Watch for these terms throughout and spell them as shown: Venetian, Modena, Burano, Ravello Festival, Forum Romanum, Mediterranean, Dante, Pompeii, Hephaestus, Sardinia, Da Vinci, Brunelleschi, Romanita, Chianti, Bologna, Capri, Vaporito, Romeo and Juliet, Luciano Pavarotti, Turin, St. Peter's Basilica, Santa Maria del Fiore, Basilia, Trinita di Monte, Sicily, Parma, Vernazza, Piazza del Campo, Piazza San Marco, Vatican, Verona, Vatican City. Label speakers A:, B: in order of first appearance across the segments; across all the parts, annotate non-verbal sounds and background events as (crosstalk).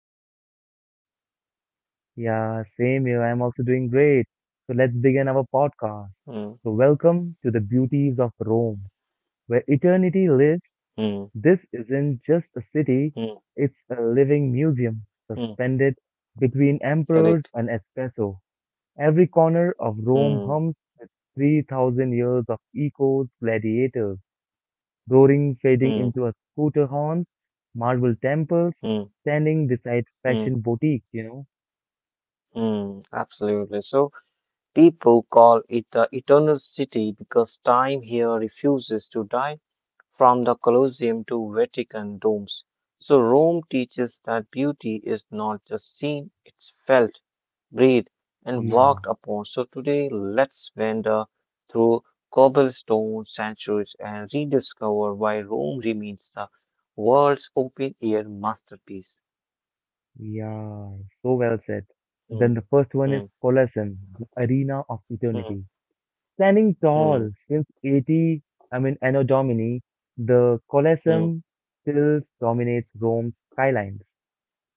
A: You tell me.
B: Yeah, same here. I'm also doing great. So, let's begin our
A: Mm.
B: podcast. So, welcome to the beauties of Rome, where eternity
A: Mm.
B: lives. This isn't just a
A: Mm.
B: city, it's a living
A: Mm.
B: museum suspended between
A: Correct.
B: emperors and espresso. Every corner of
A: Mm.
B: Rome hums with 3,000 years of echoes, gladiators roaring, fading
A: Mm.
B: into a scooter horns, marble temples,
A: Mm.
B: standing beside
A: Mm.
B: fashion boutiques,
A: Mm. Absolutely. So people call it the eternal city because time here refuses to die. From the Colosseum to Vatican domes. So Rome teaches that beauty is not just seen, it's felt, breathed, and
B: Yeah,
A: walked upon. So today, let's wander through cobblestone centuries and rediscover why Rome remains the world's open air masterpiece.
B: yeah, so well said. Then
A: Mm,
B: the first one is
A: mm,
B: Colosseum, the arena of
A: mm,
B: eternity. Standing
A: mm,
B: tall since 80, I mean, Anno Domini, the
A: mm,
B: Colosseum still dominates Rome's skylines,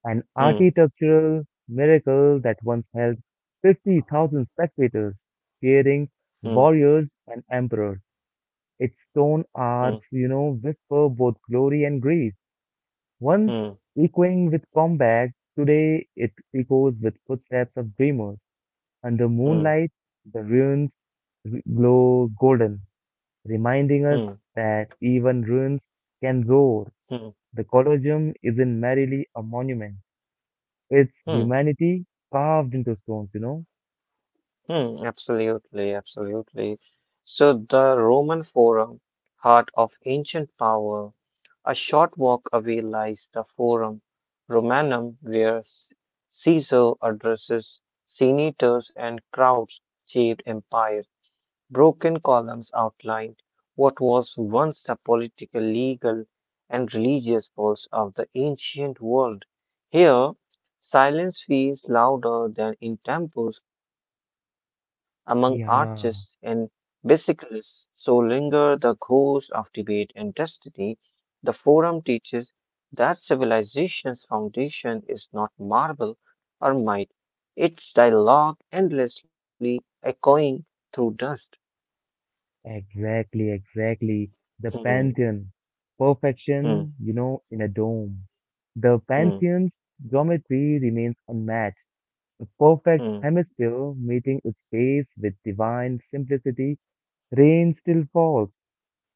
B: an
A: mm,
B: architectural miracle that once held 50,000 spectators, fearing
A: mm,
B: warriors and emperors. Its stone
A: mm,
B: arcs whisper both glory and grief. Once
A: mm,
B: echoing with combat, today it echoes with footsteps of dreamers. Under
A: mm,
B: moonlight, the ruins glow golden, reminding us
A: mm,
B: that even ruins can roar.
A: mm,
B: The Colosseum isn't merely a monument, it's
A: mm.
B: humanity carved into stones.
A: Hmm, absolutely, absolutely. So the Roman Forum, heart of ancient power, a short walk away lies the Forum Romanum, where Caesar addresses senators and crowds shaped empire. Broken columns outlined what was once the political, legal, and religious pulse of the ancient world. Here, silence feels louder than in temples among artists and
B: Yeah.
A: bicyclists. So linger the ghosts of debate and destiny. The forum teaches that civilization's foundation is not marble or might, it's dialogue endlessly echoing through dust.
B: Exactly, exactly. The
A: Mm,
B: Pantheon.
A: mm,
B: Perfection in a dome. The
A: mm,
B: Pantheon's geometry remains unmatched. The perfect
A: mm,
B: hemisphere meeting its base with divine simplicity, rain still falls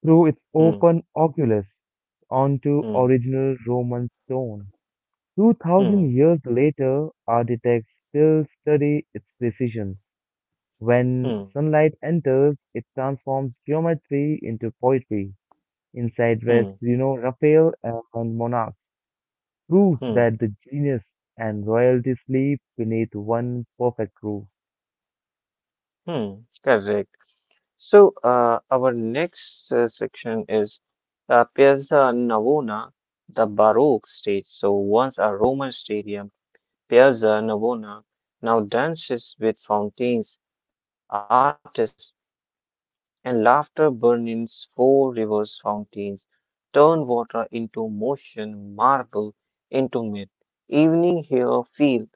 B: through its
A: mm,
B: open oculus onto
A: mm,
B: original Roman stone. Two
A: mm,
B: thousand years later, architects still study its precisions. When
A: mm,
B: sunlight enters, it transforms geometry into poetry. Inside
A: mm,
B: rest, you know, Raphael and Monarchs prove
A: mm,
B: that the genius and royalty sleep beneath one perfect roof.
A: mm. Correct. So, our next section is Piazza Navona, the Baroque stage. So, once a Roman stadium, Piazza Navona now dances with fountains, artists, and laughter burning four rivers fountains, turn water into motion, marble into myth. Evening here feel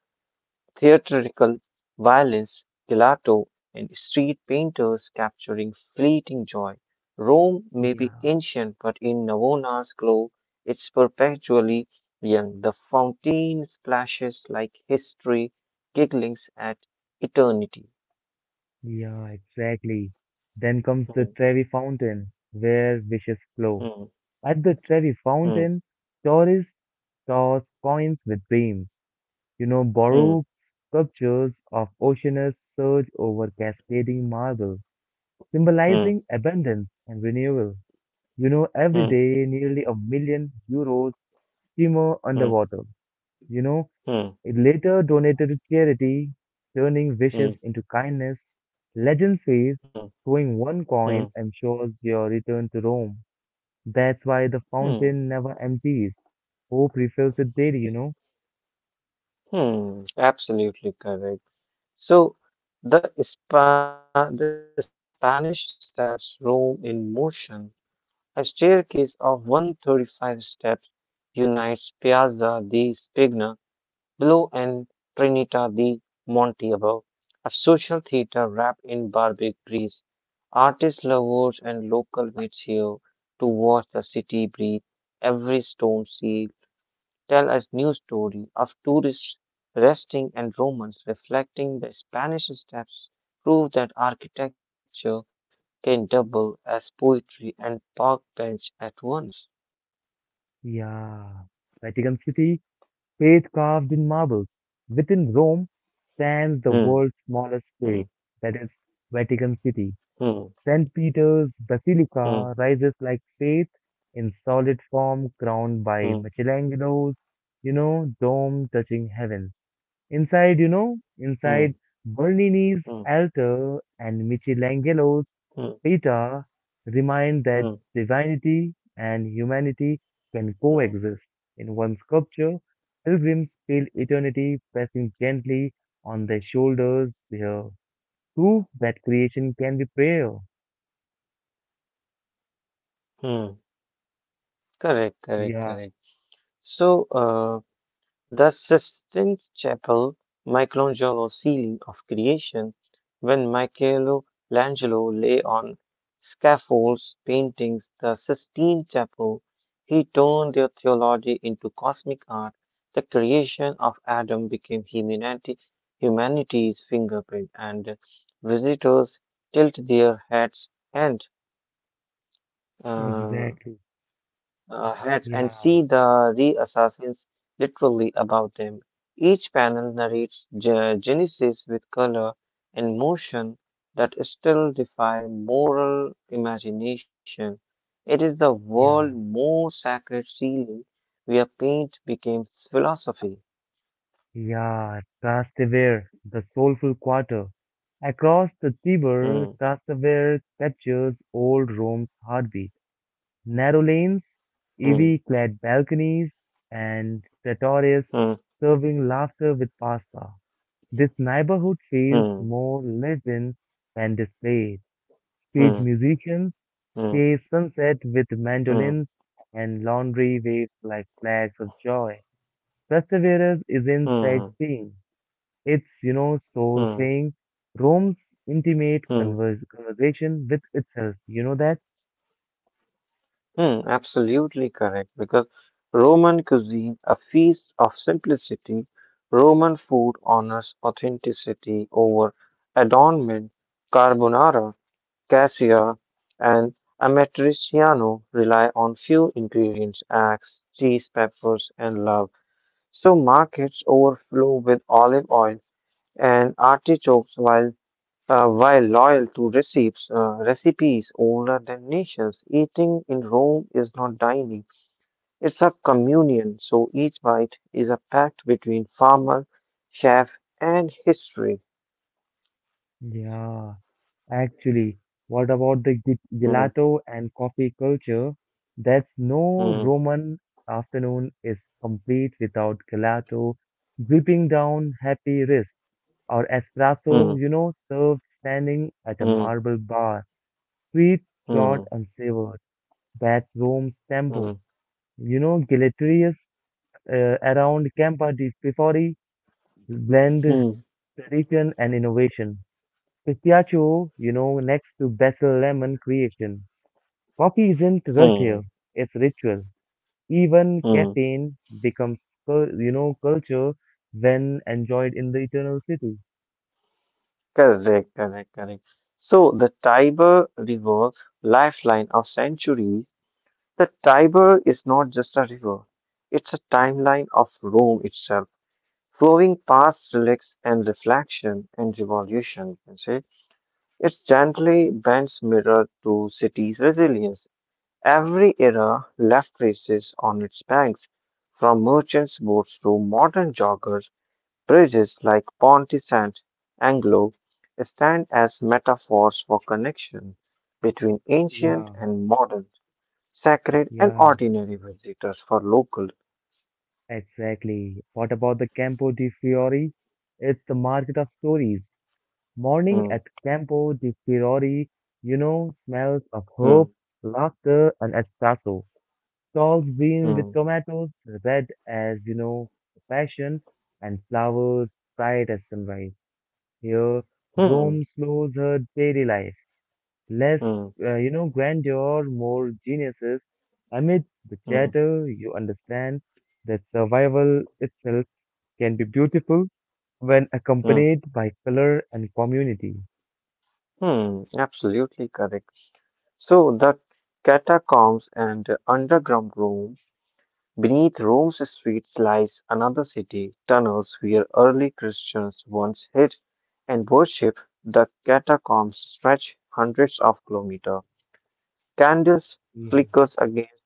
A: theatrical violence, gelato, and street painters capturing fleeting joy. Rome may be
B: Yeah,
A: ancient, but in Navona's glow, it's perpetually young. The fountain splashes like history, giggling at eternity.
B: yeah, exactly. Then comes the
A: Hmm,
B: Trevi Fountain, where wishes flow.
A: hmm,
B: At the Trevi Fountain,
A: hmm,
B: tourists toss coins with dreams. Baroque
A: hmm,
B: sculptures of oceanus surge over cascading marble, symbolizing abundance and renewal. Every day
A: hmm,
B: nearly €1 million simmer underwater.
A: hmm,
B: You know, it
A: hmm,
B: later donated to charity, turning wishes
A: hmm,
B: into kindness. Legend says
A: hmm,
B: throwing one
A: hmm,
B: coin
A: hmm,
B: ensures your return to Rome. That's why the
A: hmm,
B: fountain never empties. Hope refills it daily.
A: hmm. Absolutely correct. So the Spanish steps roam in motion. A staircase of 135 steps unites Piazza di Spagna below and Trinita di Monte above. A social theater wrapped in Barbary breeze. Artists, lovers and local meets here to watch the city breathe, every stone sea tell us new story of tourists resting and Romans reflecting the Spanish steps prove that architecture can double as poetry and park bench at once.
B: Yeah. Vatican City. Faith carved in marbles. Within Rome stands the world's
A: Hmm,
B: smallest faith,
A: hmm,
B: that is, Vatican City.
A: hmm,
B: St. Peter's Basilica
A: hmm,
B: rises like faith in solid form, crowned by
A: hmm,
B: Michelangelo's dome touching heavens. Inside
A: hmm,
B: Bernini's
A: hmm,
B: altar and Michelangelo's Peta
A: hmm,
B: remind that
A: hmm,
B: divinity and humanity can coexist in
A: hmm,
B: one sculpture. Pilgrims feel eternity pressing gently on their shoulders, their proof that creation can be prayer.
A: hmm. Correct, correct,
B: Yeah,
A: correct. So, the Sistine Chapel, Michelangelo's ceiling of creation. When Michelangelo lay on scaffolds painting the Sistine Chapel, he turned their theology into cosmic art. The creation of Adam became humanity, humanity's fingerprint, and visitors tilt their heads and uh,
B: exactly. Yeah,
A: see the re-assassins literally about them. Each panel narrates Genesis with color and motion that still defy moral imagination. It is the
B: yeah,
A: world's most sacred ceiling where paint becomes philosophy.
B: yeah. Trastevere, the soulful quarter. Across the Tiber,
A: Hmm,
B: Trastevere captures old Rome's heartbeat. Narrow lanes,
A: hmm,
B: ivy-clad balconies, and trattorias
A: hmm,
B: serving laughter with pasta. This neighborhood feels
A: hmm,
B: more lived in than displayed. Street musicians
A: hmm,
B: chase sunset with
A: hmm, hmm,
B: mandolins, and laundry waves like flags of joy. Perseverance isn't
A: hmm,
B: sightseeing. It's soul
A: hmm,
B: saying Rome's intimate
A: hmm.
B: conversation with itself. You know that?
A: Hmm, absolutely correct. Because Roman cuisine, a feast of simplicity, Roman food honors authenticity over adornment. Carbonara, cassia, and amatriciano rely on few ingredients: eggs, cheese, peppers, and love. So markets overflow with olive oil and artichokes, while loyal to recipes older than nations, eating in Rome is not dining. It's a communion, so each bite is a pact between farmer, chef, and history.
B: Yeah, actually, what about the
A: Hmm,
B: gelato and coffee culture? That's no
A: hmm,
B: Roman afternoon is complete without gelato dripping down happy wrist or espresso, you
A: hmm,
B: know, served standing at a
A: hmm,
B: marble bar. Sweet, short,
A: hmm,
B: and savored. That's Rome's tempo.
A: hmm,
B: Gelaterius around Campa di Fiori blend
A: hmm,
B: tradition and innovation. Pistachio next to basil lemon creation. Coffee isn't rush here,
A: hmm,
B: it's ritual. Even
A: hmm.
B: caffeine becomes, culture when enjoyed in the eternal city.
A: Correct, correct, correct. So the Tiber River, lifeline of centuries, the Tiber is not just a river. It's a timeline of Rome itself flowing past relics and reflection and revolution, you can say. It's gently bends mirror to city's resilience. Every era left traces on its banks, from merchants' boats to modern joggers, bridges like Ponte Sant Anglo stand as metaphors for connection between ancient
B: Yeah,
A: and modern, sacred and
B: yeah,
A: ordinary visitors for local.
B: exactly. What about the Campo di Fiori? It's the market of stories. Morning
A: Hmm,
B: at Campo di Fiori, smells of
A: hmm,
B: hope, laughter, and espresso. Stalls beam with
A: hmm,
B: tomatoes, red as passion, and flowers bright as sunrise. Here,
A: hmm,
B: Rome slows her daily life. Less,
A: hmm,
B: grandeur, more geniuses. Amid the
A: hmm,
B: chatter, you understand that survival itself can be beautiful when
A: hmm.
B: accompanied by color and community.
A: Hmm, absolutely correct. So the catacombs and the underground Rome, beneath Rome's streets lies another city, tunnels where early Christians once hid and worshipped. The catacombs stretch hundreds of kilometers. Candles
B: Yeah.
A: flickers against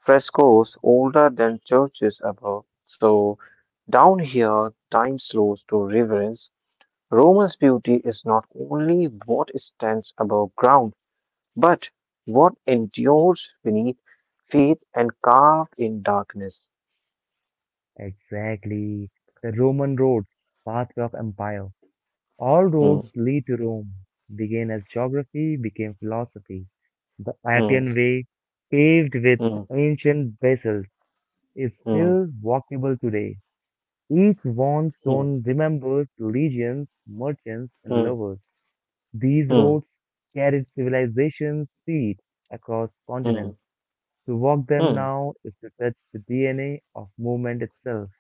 A: frescoes older than churches above. So down here, time slows to reverence. Roma's beauty is not only what stands above ground, but what endures beneath faith and carved in darkness.
B: Exactly. The Roman roads, pathway of empire. All
A: Hmm,
B: roads lead to Rome. Began as geography, became philosophy. The
A: hmm,
B: Appian Way, paved with
A: hmm,
B: ancient basalt, is
A: hmm,
B: still walkable today. Each worn
A: hmm,
B: stone remembers legions, merchants,
A: hmm,
B: and lovers. These
A: hmm,
B: roads carried civilization's seed across
A: hmm,
B: continents. To walk them
A: hmm,
B: now is to touch the DNA of movement itself.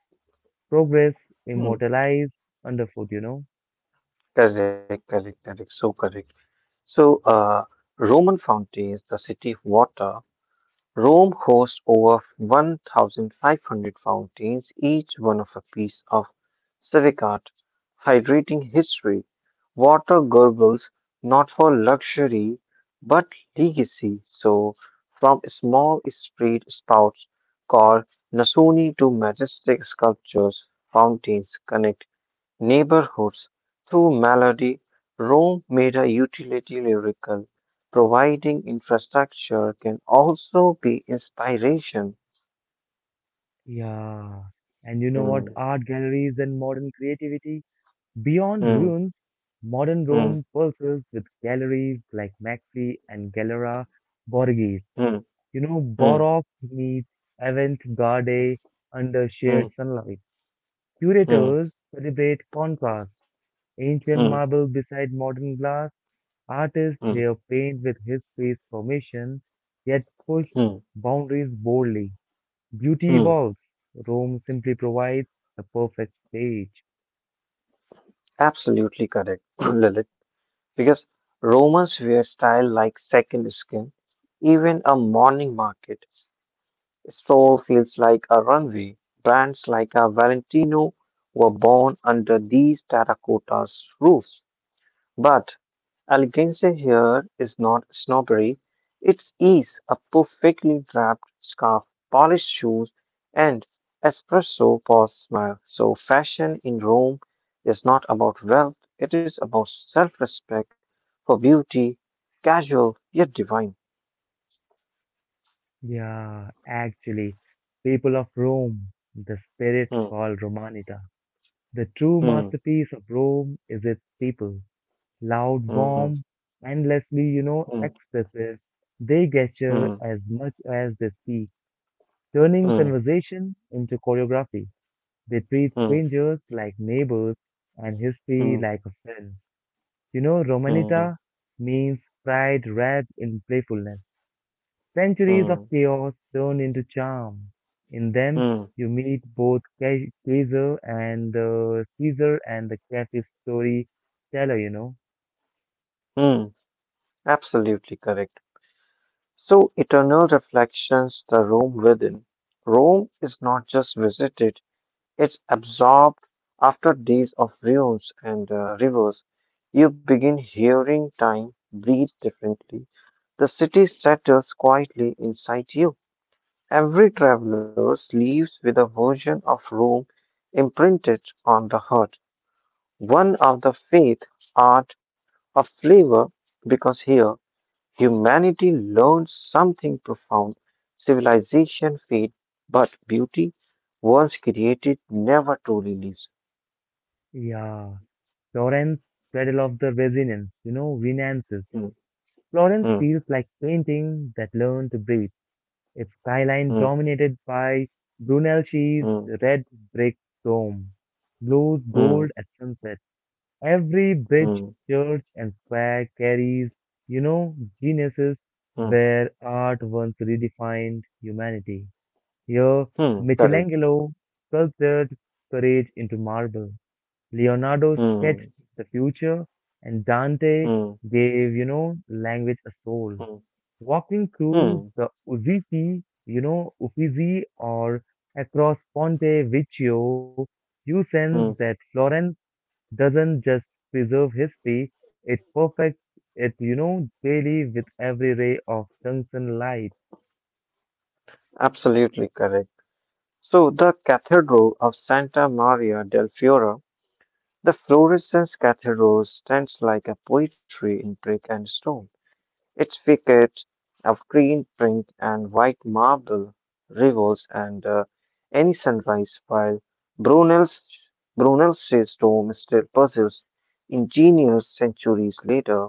B: Progress
A: hmm.
B: immortalized underfoot.
A: Correct, correct, correct. So correct. So, Roman fountains, the city of water, Rome hosts over 1,500 fountains, each one of a piece of civic art, hydrating history. Water gurgles not for luxury but legacy. So, from small street spouts called nasoni to majestic sculptures, fountains connect neighborhoods through melody. Rome made a utility lyrical. Providing infrastructure can also be inspiration.
B: Yeah. And you know what?
A: Hmm,
B: Art galleries and modern creativity beyond
A: hmm,
B: ruins. Modern
A: hmm,
B: Rome pulses with galleries like Maxi and Galera Borghese.
A: hmm, hmm,
B: Baroque meets avant-garde under shared
A: hmm,
B: sunlight.
A: hmm,
B: Curators celebrate contrast. Ancient
A: hmm,
B: marble beside modern glass. Artists
A: hmm,
B: here paint with history's permission, yet push
A: hmm,
B: boundaries boldly. Beauty
A: hmm.
B: evolves. Rome simply provides the perfect stage.
A: Absolutely correct, (coughs) (clears throat) Lilith. Because Romans wear style like second skin, even a morning market. Soul feels like a runway. Brands like a Valentino were born under these terracottas roofs. But elegance here is not snobbery. It's ease, a perfectly draped scarf, polished shoes, and espresso pause smile. So fashion in Rome is not about wealth, it is about self-respect for beauty, casual yet divine.
B: Yeah, actually, people of Rome, the spirit
A: Hmm,
B: called Romanita. The true
A: hmm,
B: masterpiece of Rome is its people. Loud,
A: hmm,
B: warm, endlessly,
A: hmm,
B: expressive. They gesture
A: hmm,
B: as much as they speak, turning
A: hmm, hmm,
B: conversation into choreography. They treat
A: hmm.
B: strangers like neighbors and history
A: Mm,
B: like a friend.
A: mm,
B: Romanita means pride wrapped in playfulness. Centuries of
A: mm,
B: chaos turned into charm. In them,
A: mm,
B: you meet both Caesar and the cafe storyteller.
A: mm. Absolutely correct. So, eternal reflections the Rome within. Rome is not just visited, it's absorbed after days of ruins and rivers. You begin hearing time breathe differently. The city settles quietly inside you. Every traveler leaves with a version of Rome imprinted on the heart. One of the faith, art, of flavor, because here humanity learns something profound. Civilization fades, but beauty, once created, never truly leaves.
B: Yeah, Florence, cradle of the resonance. Renaissance.
A: Hmm,
B: Florence
A: hmm,
B: feels like painting that learned to breathe. Its skyline
A: hmm,
B: dominated by Brunelleschi's
A: hmm,
B: red brick dome glows gold
A: hmm,
B: at sunset. Every bridge,
A: hmm,
B: church, and square carries, you know, geniuses
A: hmm,
B: where art once redefined humanity. Here,
A: hmm, correct.
B: Michelangelo sculpted courage into marble. Leonardo sketched
A: Hmm,
B: the future, and Dante
A: hmm,
B: gave language a soul
A: hmm,
B: walking through
A: hmm,
B: the Uffizi or across Ponte Vecchio, you sense that
A: hmm,
B: Florence doesn't just preserve history, it perfects it daily with every ray of tungsten light.
A: absolutely correct. So, the Cathedral of Santa Maria del Fiore. The fluorescent cathedral stands like a poetry in brick and stone. Its facade of green, pink, and white marble reveals and any sunrise, while Brunel's Brunel's dome still puzzles engineers centuries later.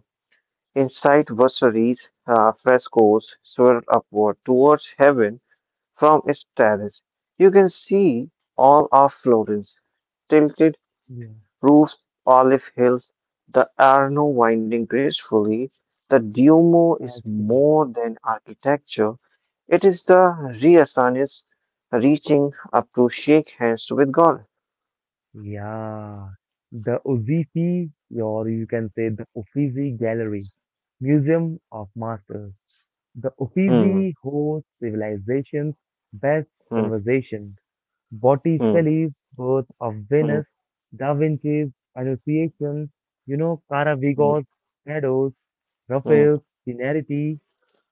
A: Inside Vasari's frescoes swirl upward towards heaven from its terrace. You can see all of Florence tilted
B: Yeah,
A: roofs, olive hills, the Arno winding gracefully. The Duomo is
B: actually.
A: more than architecture, it is the Renaissance reaching up to shake hands with God.
B: Yeah, the Uffizi, or you can say the Uffizi Gallery, Museum of Masters. The
A: Hmm,
B: Uffizi hosts civilization's best
A: hmm,
B: conversation.
A: hmm,
B: Botticelli's Birth of
A: hmm,
B: Venus, Da Vinci's Annunciation,
A: hmm,
B: Caravigos, Shadows,
A: hmm,
B: Raphael's Tenerity,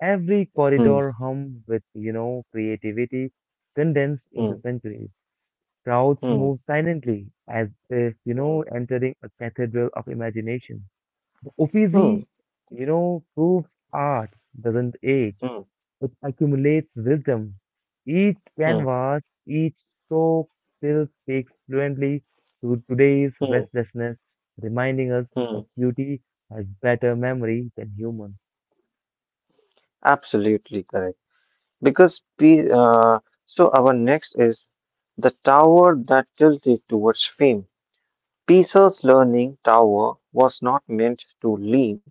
B: every
A: hmm,
B: corridor hum with creativity condensed into
A: hmm,
B: centuries. Crowds
A: hmm, hmm,
B: move silently as if entering a cathedral of imagination. The
A: hmm,
B: Uffizi proves art doesn't age.
A: hmm,
B: It accumulates wisdom. Each
A: hmm,
B: canvas, each stroke still speaks fluently to today's
A: hmm,
B: restlessness, reminding us that
A: hmm.
B: beauty has better memory than humans.
A: Absolutely correct. Because so our next is the tower that tilted towards fame. Peso's learning tower was not meant to leave,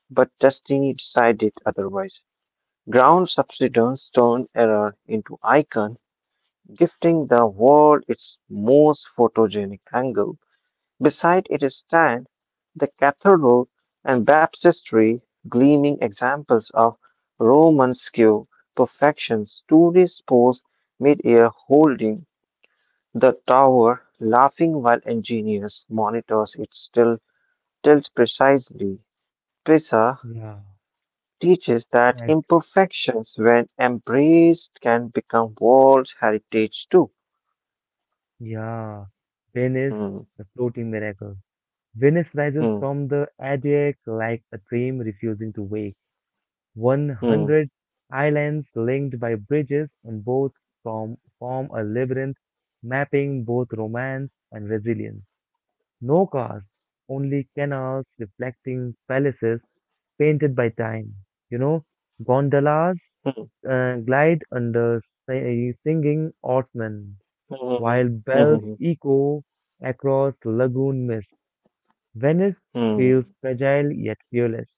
A: but destiny decided otherwise. Ground subsidence turned error into icon, gifting the world its most photogenic angle. Beside it stand the cathedral and baptistry, gleaming examples of Roman skill perfections. Tourists pose mid-air holding the tower, laughing while engineers monitors it still tells precisely. Trisa
B: Yeah.
A: teaches that
B: Actually,
A: imperfections, when embraced, can become world heritage too.
B: yeah. Venice,
A: Hmm,
B: the floating miracle. Venice rises
A: hmm,
B: from the Adriatic like a dream refusing to wake.
A: hmm,
B: 100 islands linked by bridges and boats form a labyrinth mapping both romance and resilience. No cars, only canals reflecting palaces painted by time. You know, gondolas
A: hmm,
B: glide under singing oarsmen,
A: hmm, hmm,
B: while
A: hmm, hmm,
B: bells
A: hmm,
B: echo across lagoon mist. Venice
A: hmm,
B: feels fragile yet fearless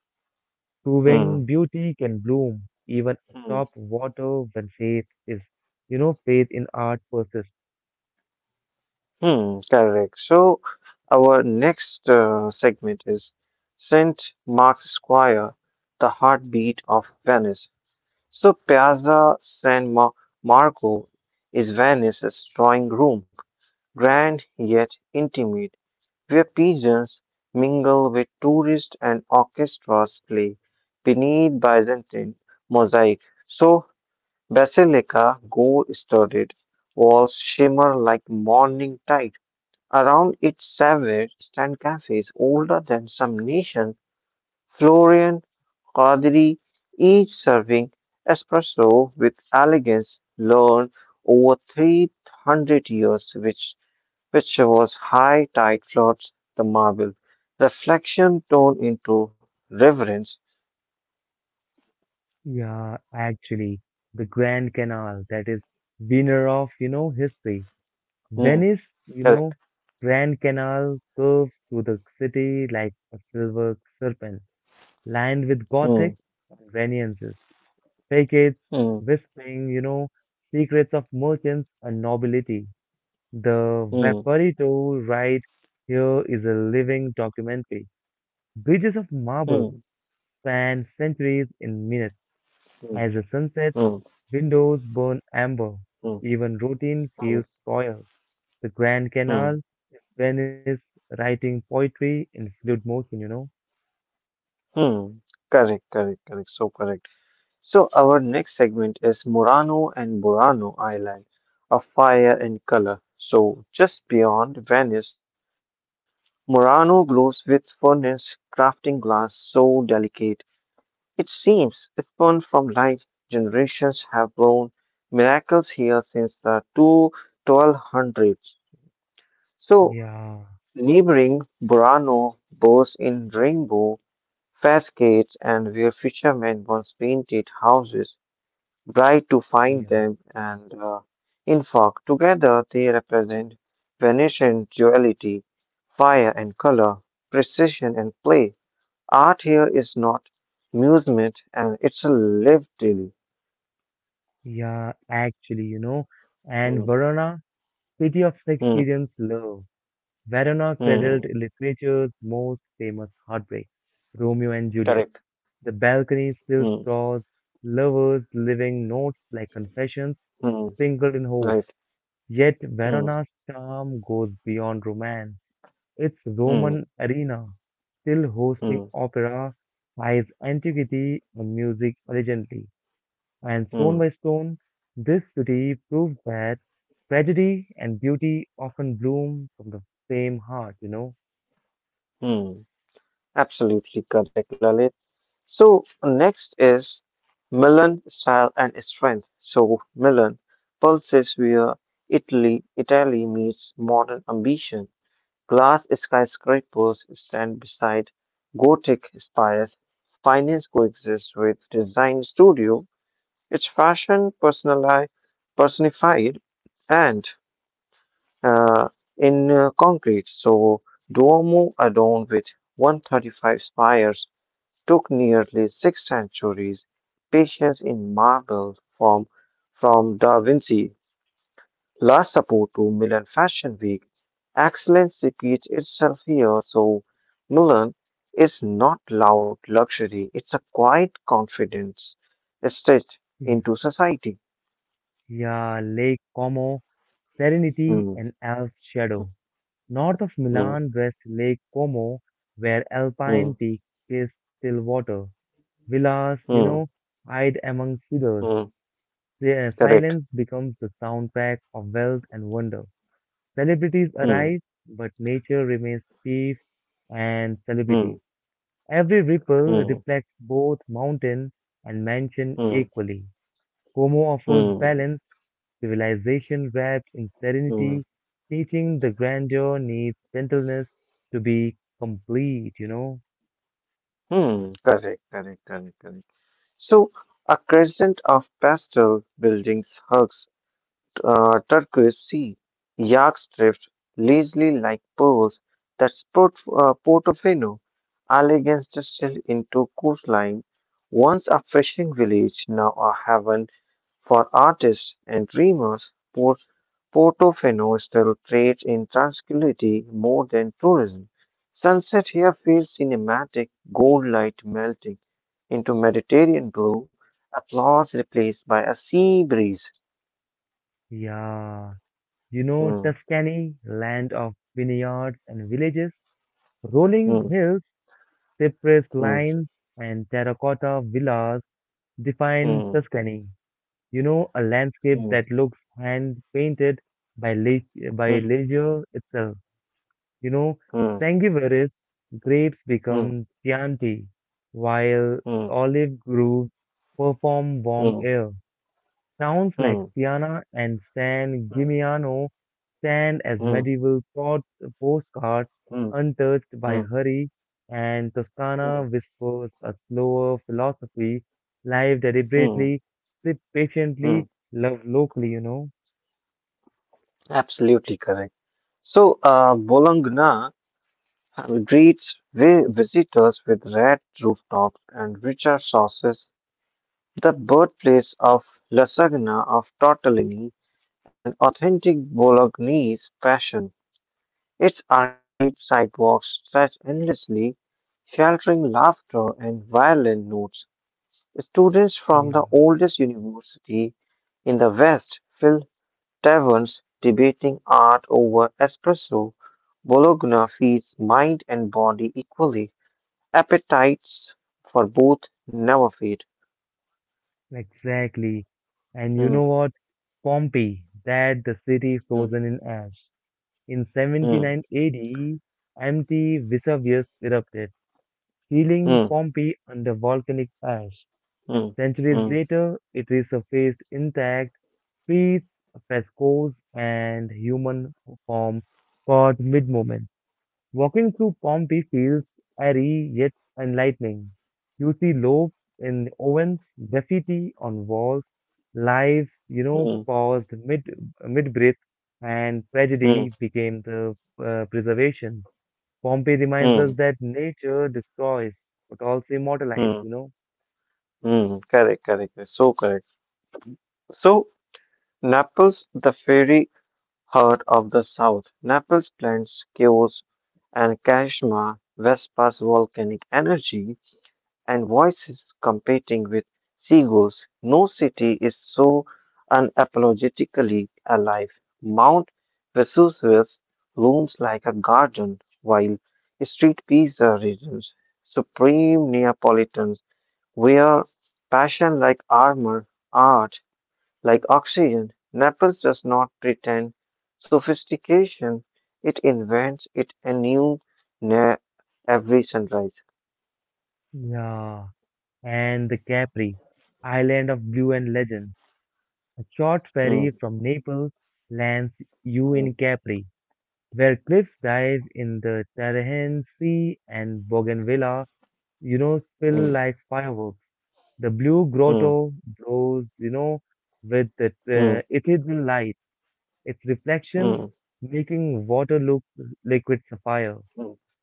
A: hmm,
B: proving
A: hmm,
B: beauty can bloom even
A: hmm,
B: atop water when faith is, faith in art persists.
A: hmm. Correct. So, our next segment is St. Mark's Square, the heartbeat of Venice. So, Piazza San Marco is Venice's drawing room, grand yet intimate, where pigeons mingle with tourists and orchestras play beneath Byzantine mosaic. So, Basilica gold studded walls shimmer like morning tide. Around its savage stand cafes older than some nations, Florian, Qadri, each serving espresso with elegance learned over 300 years, which shows high tide floods the marble. Reflection turned into reverence.
B: Yeah, actually, the Grand Canal that is winner of history.
A: Hmm,
B: Venice, you
A: correct.
B: know, Grand Canal curves through the city like a silver serpent, lined with
A: Hmm,
B: Gothic and Renaissance, facades,
A: hmm,
B: whispering, you know, secrets of merchants and nobility. The
A: hmm,
B: Vaporito right here is a living documentary. Bridges of marble
A: hmm,
B: span centuries in minutes. As
A: hmm,
B: the sunset,
A: hmm,
B: windows burn amber.
A: hmm,
B: Even routine feels
A: hmm,
B: royal. The Grand Canal
A: hmm,
B: is Venice writing poetry in fluid motion.
A: hmm. Correct, correct, correct. So correct. So our next segment is Murano and Burano Island, a fire and color. So just beyond Venice, Murano glows with furnace crafting glass so delicate it seems spawned from light. Generations have borne miracles here since the two twelve hundreds. So,
B: Yeah,
A: neighboring Burano boasts in rainbow facades and where fishermen once painted houses, bright to find
B: yeah,
A: them, and in fact, together they represent Venetian duality, fire and color, precision and play. Art here is not amusement and it's a lived daily.
B: yeah, actually, you know. And
A: Hmm.
B: Verona, city of
A: Hmm.
B: Shakespearean's love. Verona cradled
A: Mm.
B: literature's most famous heartbreak, Romeo and Juliet.
A: Correct.
B: The balcony
A: Hmm.
B: still draws lovers leaving notes like confessions
A: Hmm.
B: sprinkled in hope.
A: Right.
B: Yet
A: Hmm.
B: Verona's charm goes beyond romance. Its
A: Hmm.
B: Roman arena, still hosting
A: Hmm.
B: opera, ties antiquity and music elegantly. And stone
A: Hmm.
B: by stone, this city proves that tragedy and beauty often bloom from the same heart.
A: Mm. Absolutely correct, Lalit. So next is Milan style and strength. So Milan pulses where Italy meets modern ambition. Glass skyscrapers stand beside Gothic spires. Finance coexists with design studio. It's fashion personali personified and uh, in concrete. So, Duomo, adorned with 135 spires, took nearly six centuries. Patience in marble, from Da Vinci, La Sapo to Milan Fashion Week. Excellence repeats itself here. So, Milan is not loud luxury, it's a quiet confidence stretched into society.
B: Yeah, Lake Como, Serenity
A: Hmm.
B: and Alps Shadow.
A: Hmm.
B: North of
A: Mm,
B: Milan rests Lake Como, where alpine
A: mm,
B: peaks kiss still water. Villas, you
A: mm,
B: know, hide among cedars.
A: mm.
B: Their
A: Correct.
B: silence becomes the soundtrack of wealth and wonder. Celebrities
A: Mm,
B: arise, but nature remains chief and celebrity.
A: mm,
B: Every ripple
A: mm,
B: reflects both mountain and mansion
A: mm,
B: equally. Como offers
A: mm,
B: balance civilization wrapped in serenity,
A: mm,
B: teaching the grandeur needs gentleness to be complete.
A: mm. Correct, correct, correct, correct. So, a crescent of pastel buildings hugs turquoise sea. Yachts drift lazily like pearls that port, Portofino, elegance distilled into coastline. Once a fishing village, now a haven for artists and dreamers, Portofino still trades in tranquility more than tourism. Sunset here feels cinematic, gold light melting into Mediterranean blue, applause replaced by a sea breeze.
B: Yeah.
A: Hmm,
B: Tuscany, land of vineyards and villages,
A: hmm,
B: rolling hills, cypress
A: hmm,
B: lines, and terracotta villas define
A: hmm,
B: Tuscany. A landscape
A: hmm,
B: that looks hand painted by leisure itself. You know,
A: hmm,
B: Sangiovese grapes
A: hmm,
B: become Chianti, while
A: hmm,
B: olive groves perform warm
A: hmm,
B: air. Towns
A: hmm, hmm,
B: like
A: hmm,
B: Siena and San Gimignano stand as
A: hmm,
B: medieval postcards
A: hmm,
B: untouched by
A: hmm,
B: hurry, and Toscana
A: hmm,
B: whispers a slower philosophy. Live
A: hmm.
B: deliberately, sit
A: Hmm.
B: patiently, love locally.
A: Absolutely correct. So, Bologna and greets visitors with red rooftops and richer sauces, the birthplace of lasagna, of tortellini, and authentic Bolognese passion. Its arcaded sidewalks stretch endlessly, sheltering laughter and violin notes. Students from
B: Yeah.
A: the oldest university in the West fill taverns debating art over espresso. Bologna feeds mind and body equally. Appetites for both never fade.
B: Exactly. And you
A: Hmm,
B: know what? Pompeii, that the city
A: hmm,
B: frozen in ash. In
A: hmm,
B: 79 AD, empty Vesuvius erupted, sealing
A: hmm,
B: Pompeii under volcanic ash.
A: hmm,
B: Centuries
A: hmm,
B: later, it resurfaced intact, streets, frescoes, and human form caught mid-moment. Walking through Pompeii feels airy yet enlightening. You see lobes in ovens, graffiti on walls, lives,
A: hmm,
B: paused mid breath, and
A: hmm,
B: tragedy became the preservation. Pompeii reminds us
A: hmm,
B: that nature destroys but also immortalizes,
A: hmm,
B: you know.
A: hmm. Correct, correct, correct, so correct. So, Naples, the fairy heart of the South. Naples blends chaos and charisma, Vespa's volcanic energy, and voices competing with seagulls. No city is so unapologetically alive. Mount Vesuvius looms like a garden, while street pizza regions, supreme Neapolitans, wear passion like armor. Art like oxygen, Naples does not pretend sophistication, it invents it anew near every sunrise.
B: Yeah, and the Capri, island of blue and legend. A short ferry
A: Hmm,
B: from Naples lands you in
A: hmm,
B: Capri where cliffs dive in the Tarahan Sea and Bougainvillea spill
A: hmm,
B: like fireworks. The blue
A: hmm,
B: grotto glows with the
A: hmm,
B: ethereal light, its
A: hmm,
B: reflection
A: hmm,
B: making water look liquid sapphire.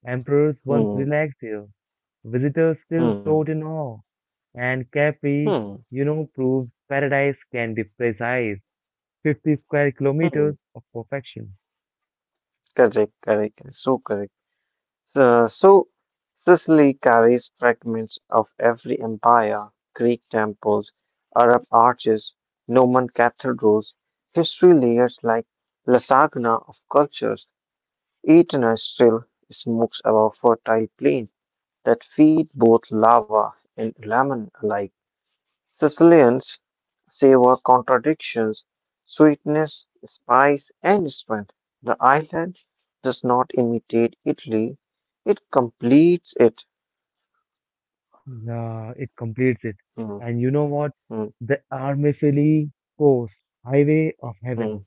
B: Emperors once
A: hmm,
B: relaxed here. Visitors still
A: hmm,
B: float in awe. And Capri,
A: hmm,
B: you know, proves paradise can be precise. 50 square
A: hmm.
B: kilometers of perfection.
A: Correct, correct, correct, so correct. So Sicily carries fragments of every empire, Greek temples, Arab arches, Norman cathedrals, history layers like lasagna of cultures. Eternal smokes above fertile plains that feed both lava and lemon alike. Sicilians savor contradictions, sweetness, spice, and strength. The island does not imitate Italy, it completes it.
B: Yeah, it completes it.
A: Hmm,
B: And you know what?
A: hmm,
B: The Armifili Coast, Highway of
A: hmm,
B: Heaven,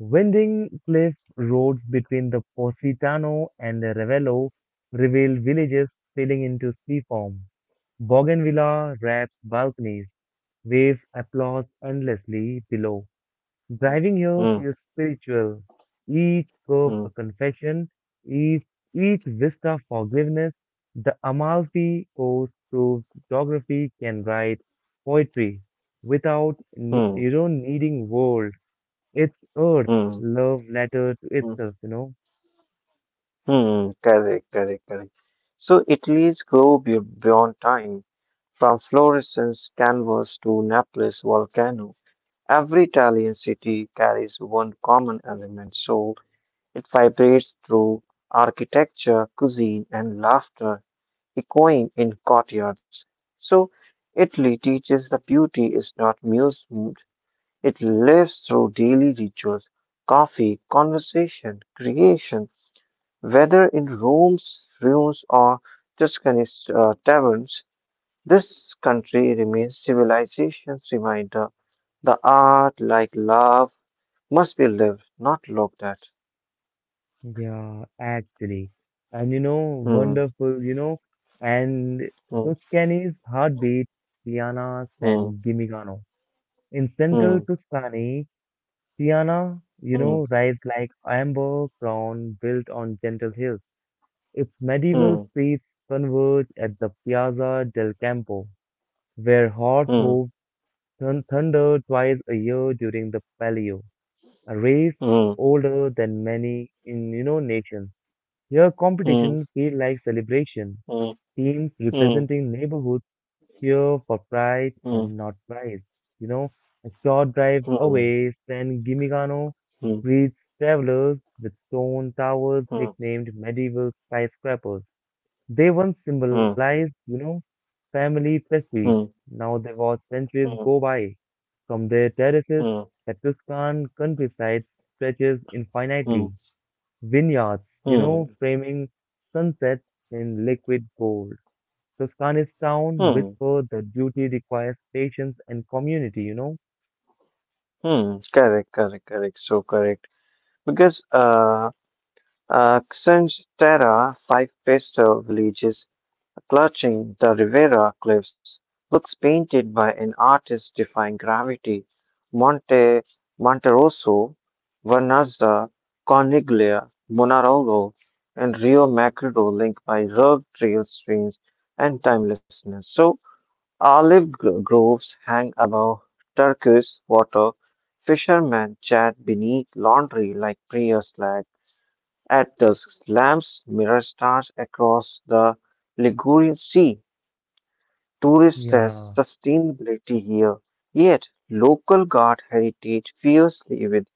B: winding cliff roads between the Positano and the Ravello reveal villages spilling into sea form. Bougainvillea wraps balconies, waves applause endlessly below.
A: hmm,
B: Driving here
A: hmm,
B: feels spiritual. Each curve a
A: hmm,
B: confession, each, each vista forgiveness. The Amalfi Coast proves geography can write poetry without
A: hmm,
B: needing world. It's earth,
A: hmm,
B: love letter to
A: hmm.
B: itself,
A: Hmm, correct, correct, correct. So Italy's grow beyond time, from Florence canvas to Naples volcano. Every Italian city carries one common element, so it vibrates through architecture, cuisine, and laughter, echoing in courtyards. So Italy teaches that beauty is not musement, it lives through daily rituals, coffee, conversation, creation. Whether in Rome's ruins or Tuscany's taverns, this country remains civilization's reminder. The art, like love, must be lived, not looked at.
B: Yeah, actually. And
A: Hmm,
B: and
A: hmm,
B: Tuscany's heartbeat, Tiana's
A: hmm,
B: and Gimignano. In central
A: hmm,
B: Tuscany, Tiana, rise like amber crown built on gentle hills. Its medieval
A: hmm,
B: streets converge at the Piazza del Campo, where horse
A: hmm,
B: hooves thunder twice a year during the Palio, a race
A: hmm,
B: older than many nations. Here,
A: hmm, hmm,
B: competition feels like celebration.
A: hmm,
B: Teams
A: hmm,
B: representing neighborhoods here for pride and not price. You know, a short drive away, San Gimignano
A: hmm,
B: greets travelers with stone towers nicknamed medieval skyscrapers. They once
A: hmm, hmm,
B: symbolized, family prestige.
A: hmm,
B: Now they watch centuries
A: hmm,
B: go by. From their
A: hmm,
B: terraces,
A: hmm, hmm,
B: the Tuscan countryside stretches
A: hmm,
B: infinitely. Vineyards,
A: hmm,
B: framing sunset in liquid gold. Tuscany's town
A: hmm,
B: whisper the duty requires patience and community,
A: hmm. Correct, correct, correct. So correct. Because Xanthera, five pastel villages clutching the Rivera cliffs, looks painted by an artist defying gravity. Monte Monterosso, Vernazza, Corniglia, Monarolo, and Rio Maggiore linked by rugged trail streams and timelessness. So, olive groves hang above turquoise water. Fishermen chat beneath laundry like prayer flags. At dusk, lamps' mirrors stars across the Ligurian Sea. Tourists test
B: Yeah,
A: sustainability here, yet local guard heritage fiercely with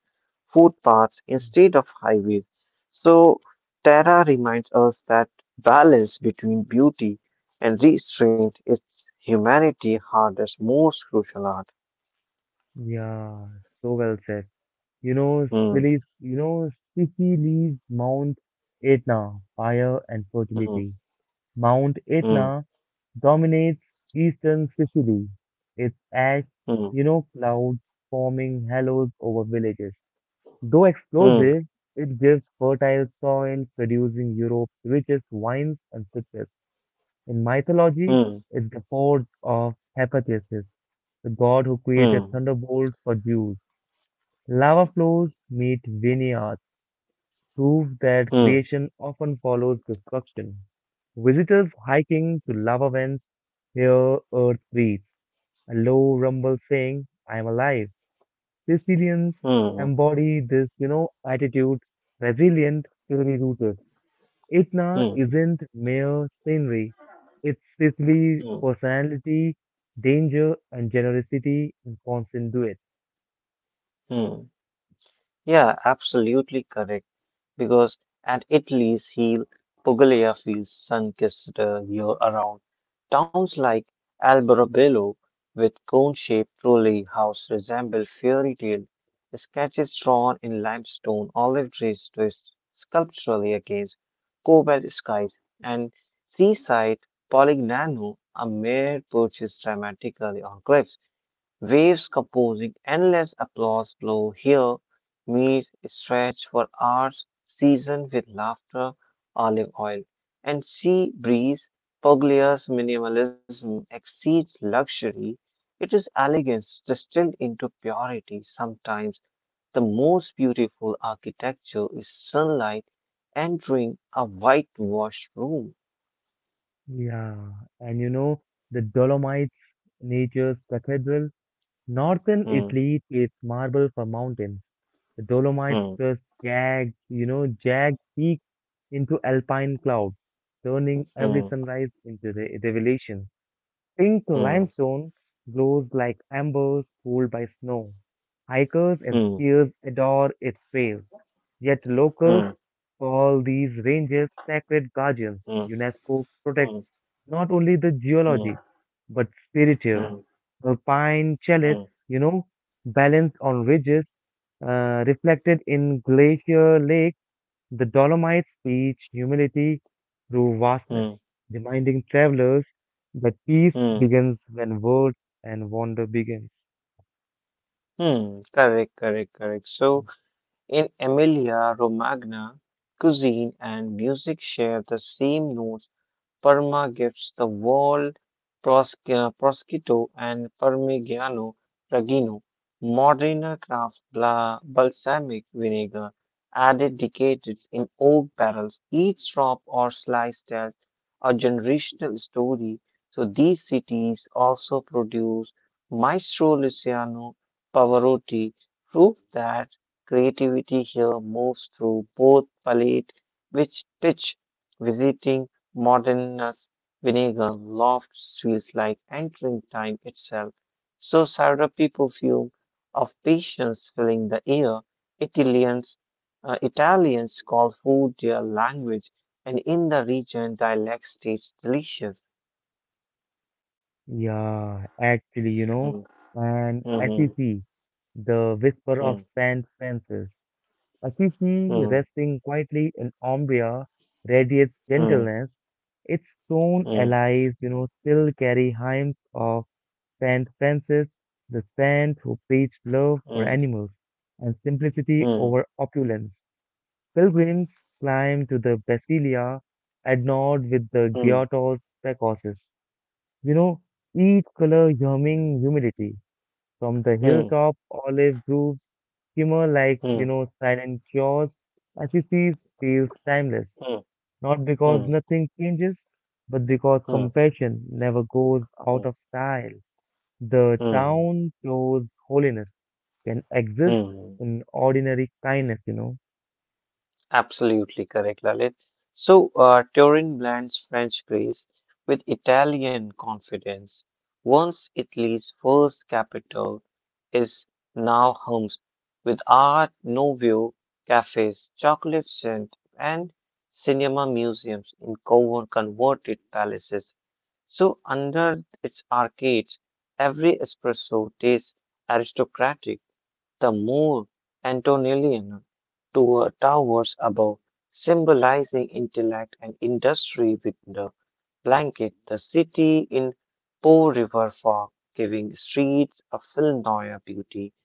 A: footpaths instead of highways. So, Terra reminds us that balance between beauty and restraint is humanity's hardest, most crucial art.
B: yeah, so well said. You know,
A: Hmm,
B: Sicily's, you know, Sicily's Mount Etna, fire and
A: hmm,
B: fertility. Mount
A: hmm,
B: Etna dominates eastern Sicily. Its ash, clouds forming halos over villages. Though
A: hmm,
B: explosive, it gives fertile soil, producing Europe's richest wines and citrus. In mythology,
A: hmm,
B: it's the forge of Hephaestus, the god who created
A: hmm,
B: thunderbolts for Zeus. Lava flows meet vineyards, proof that
A: hmm, hmm,
B: creation often follows destruction. Visitors hiking to lava vents hear earth breathe, a low rumble saying, I am alive. Sicilians
A: hmm,
B: embody this, attitude, resilient, truly rooted. Itna
A: hmm, hmm,
B: isn't mere scenery, it's Sicily's
A: hmm,
B: personality, danger, and generosity in constant duet.
A: hmm. Yeah, absolutely correct. Because at Italy's heel, Puglia feels sun-kissed year-around. Towns like Alberobello, with cone-shaped trolley house resemble fairy tale sketches drawn in limestone, olive trees twist sculpturally against cobalt skies, and seaside Polignano, a mere perches dramatically on cliffs. Waves composing endless applause flow here. Memes stretch for hours, seasoned with laughter, olive oil, and sea breeze. Puglia's minimalism exceeds luxury. It is elegance distilled into purity. Sometimes the most beautiful architecture is sunlight entering a whitewashed room.
B: Yeah, and the Dolomites, nature's cathedral, northern
A: Hmm,
B: Italy plates marble for mountains. The Dolomites
A: hmm,
B: just jagged, jagged peaks into alpine clouds, turning every
A: hmm,
B: sunrise into re revelation. Pink
A: hmm,
B: limestone glows like embers cooled by snow. Hikers and
A: hmm,
B: skiers adore its trails, yet locals
A: hmm,
B: call these ranges sacred guardians.
A: hmm,
B: UNESCO protects
A: hmm,
B: not only the
A: hmm,
B: geology but spiritual.
A: hmm,
B: Alpine chalets,
A: hmm,
B: you know, balanced on ridges, reflected in glacier lakes the Dolomites preach humility through vastness,
A: hmm,
B: reminding travelers that peace
A: hmm,
B: begins when words and wonder begins.
A: hmm. Correct, correct, correct. So in Emilia Romagna, cuisine and music share the same notes. Parma gives the wall, prosciutto and Parmigiano Reggiano, Modena craft bla balsamic vinegar, added decades in oak barrels. Each drop or slice tells a generational story. So these cities also produce Maestro Luciano Pavarotti, proof that creativity here moves through both palate, which pitch, visiting modernist vinegar lofts feels like entering time itself. So syrupy perfume of patience filling the air, Italians Italians call food their language, and in the region, dialects taste delicious.
B: Yeah, actually,
A: Mm,
B: and
A: mm,
B: Assisi, the whisper
A: mm,
B: of Saint Francis. Assisi,
A: mm,
B: resting quietly in Umbria, radiates
A: mm,
B: gentleness. Its stone
A: mm,
B: allies, still carry hymns of Saint Francis, the saint who preached love for
A: mm,
B: animals and simplicity
A: mm,
B: over opulence. Pilgrims climb to the Basilia adorned with the
A: mm,
B: grotto's precoces. You know, each color humming humidity from the
A: mm,
B: hilltop olive groves shimmer like,
A: mm,
B: silent cures. Assisi feels timeless,
A: mm,
B: not because
A: mm,
B: nothing changes, but because
A: mm,
B: compassion never goes out
A: mm,
B: of style. The
A: mm, mm,
B: town shows holiness can exist
A: mm.
B: in ordinary kindness,
A: Absolutely correct, Lalit. So, Turin blends French grace with Italian confidence. Once Italy's first capital is now homes with Art Nouveau cafes, chocolate scent, and cinema museums in converted palaces. So, under its arcades, every espresso tastes aristocratic. The move Antonellian to towers above, symbolizing intellect and industry with the blanket, the city in Po River fog, giving streets a Filnoya beauty.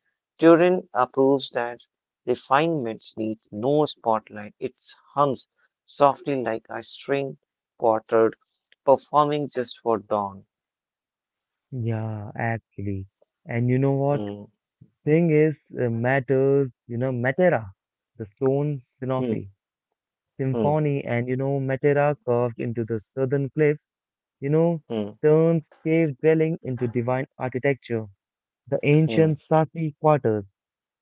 A: Turin approves that refinements need no spotlight. It hums softly like a string quartet performing just for dawn.
B: Yeah, actually. And you know what?
A: Hmm,
B: Thing is, matters, you know, Matera, the stone Sinofi,
A: hmm, hmm,
B: symphony, and Matera carved into the southern cliffs, you know,
A: hmm,
B: turns cave dwelling into divine architecture. The
A: hmm,
B: ancient Sasi quarters,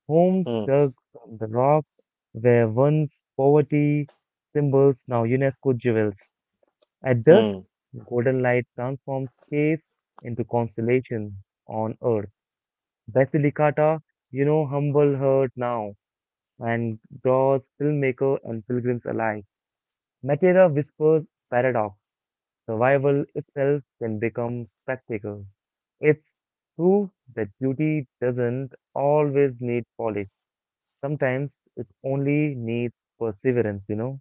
B: homes
A: hmm,
B: dug from the rock, were once poverty symbols, now UNESCO jewels. At dusk,
A: hmm.
B: golden light transforms space into constellation on earth. Basilicata, humble her now and draws filmmaker and pilgrims alike. Matera whispers paradox. Survival itself can become spectacle. It's true that beauty doesn't always need polish. Sometimes it only needs perseverance,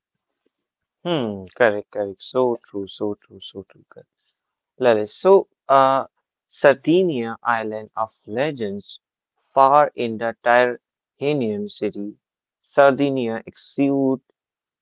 A: Hmm, correct, correct. So true, so true, so true. Correct. Lalit, so Sardinia Island of Legends, far in the Tyrrhenian city, Sardinia exudes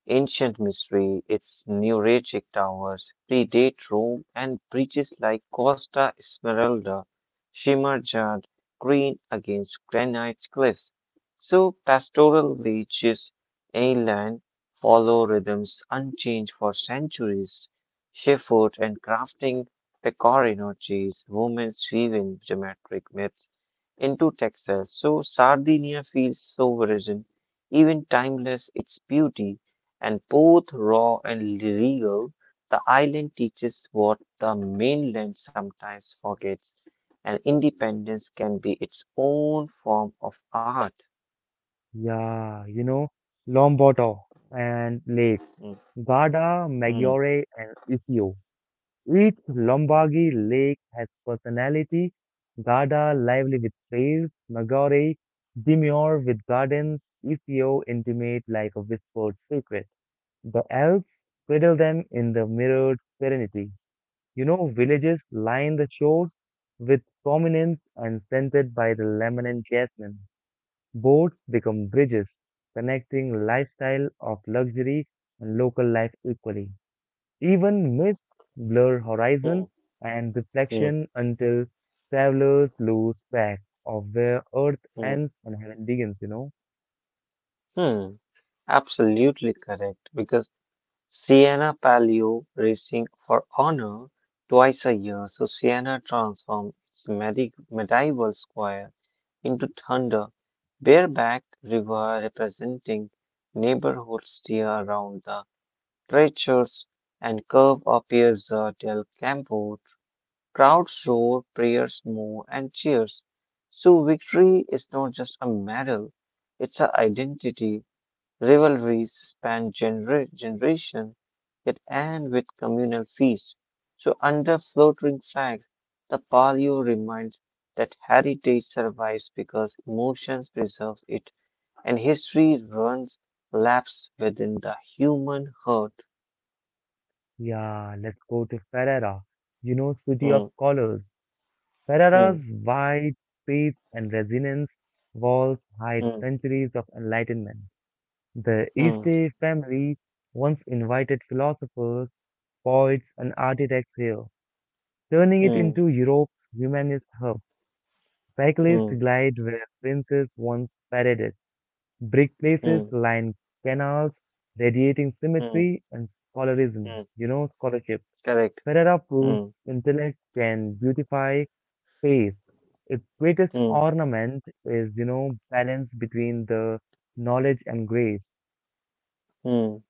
A: ancient mystery, its neuritic towers predate Rome and bridges like Costa Smeralda shimmer jade green against granite cliffs. So pastoral villages inland follow rhythms unchanged for centuries. Shepherd and crafting pecorino cheese, women weaving geometric myths into textiles. So Sardinia feels so virgin, even timeless its beauty and both raw and regal, the island teaches what the mainland sometimes forgets, and independence can be its own form of art.
B: Yeah, Lombardo and Lake.
A: Hmm,
B: Garda,
A: hmm,
B: Maggiore, and Iseo. Each Lombardy lake has personality. Garda, lively with trails. Maggiore, demure with gardens. Iseo, intimate like a whispered secret. The Alps cradle them in the mirrored serenity. Villages line the shores with prominence and scented by the lemon and jasmine. Boats become bridges, connecting lifestyle of luxury and local life equally. Even mists blur horizons
A: hmm,
B: and
A: hmm,
B: reflection until travelers lose track of where Earth
A: hmm, hmm,
B: ends and heaven begins,
A: hmm, hmm. Absolutely correct, because Sienna Palio Racing for Honor twice a year, so Sienna transformed its medieval square into Thunder, barebacked river representing neighborhoods steer around the treasures and curve appears the del campo. Crowds roar, prayers move, and cheers. So victory is not just a medal; it's an identity. Rivalries span generation that end with communal feasts. So under floating flags, the palio reminds that heritage survives because emotions preserve it and history runs laps within the human heart.
B: Yeah, let's go to Ferrara, city
A: Hmm,
B: of scholars.
A: hmm,
B: Ferrara's wide space and resonance walls hide
A: hmm,
B: centuries of enlightenment. The
A: hmm,
B: Este family once invited philosophers, poets, and architects here, turning it
A: hmm,
B: into Europe's humanist hub.
A: hmm,
B: Cyclists glide where princes once paraded. Brick
A: hmm,
B: places
A: hmm,
B: line canals, radiating
A: hmm,
B: symmetry and scholarism,
A: hmm.
B: scholarship.
A: Correct.
B: Ferrara proves
A: Hmm,
B: intellect can beautify space. Its greatest
A: hmm,
B: ornament is, balance between the knowledge and grace.
A: hmm.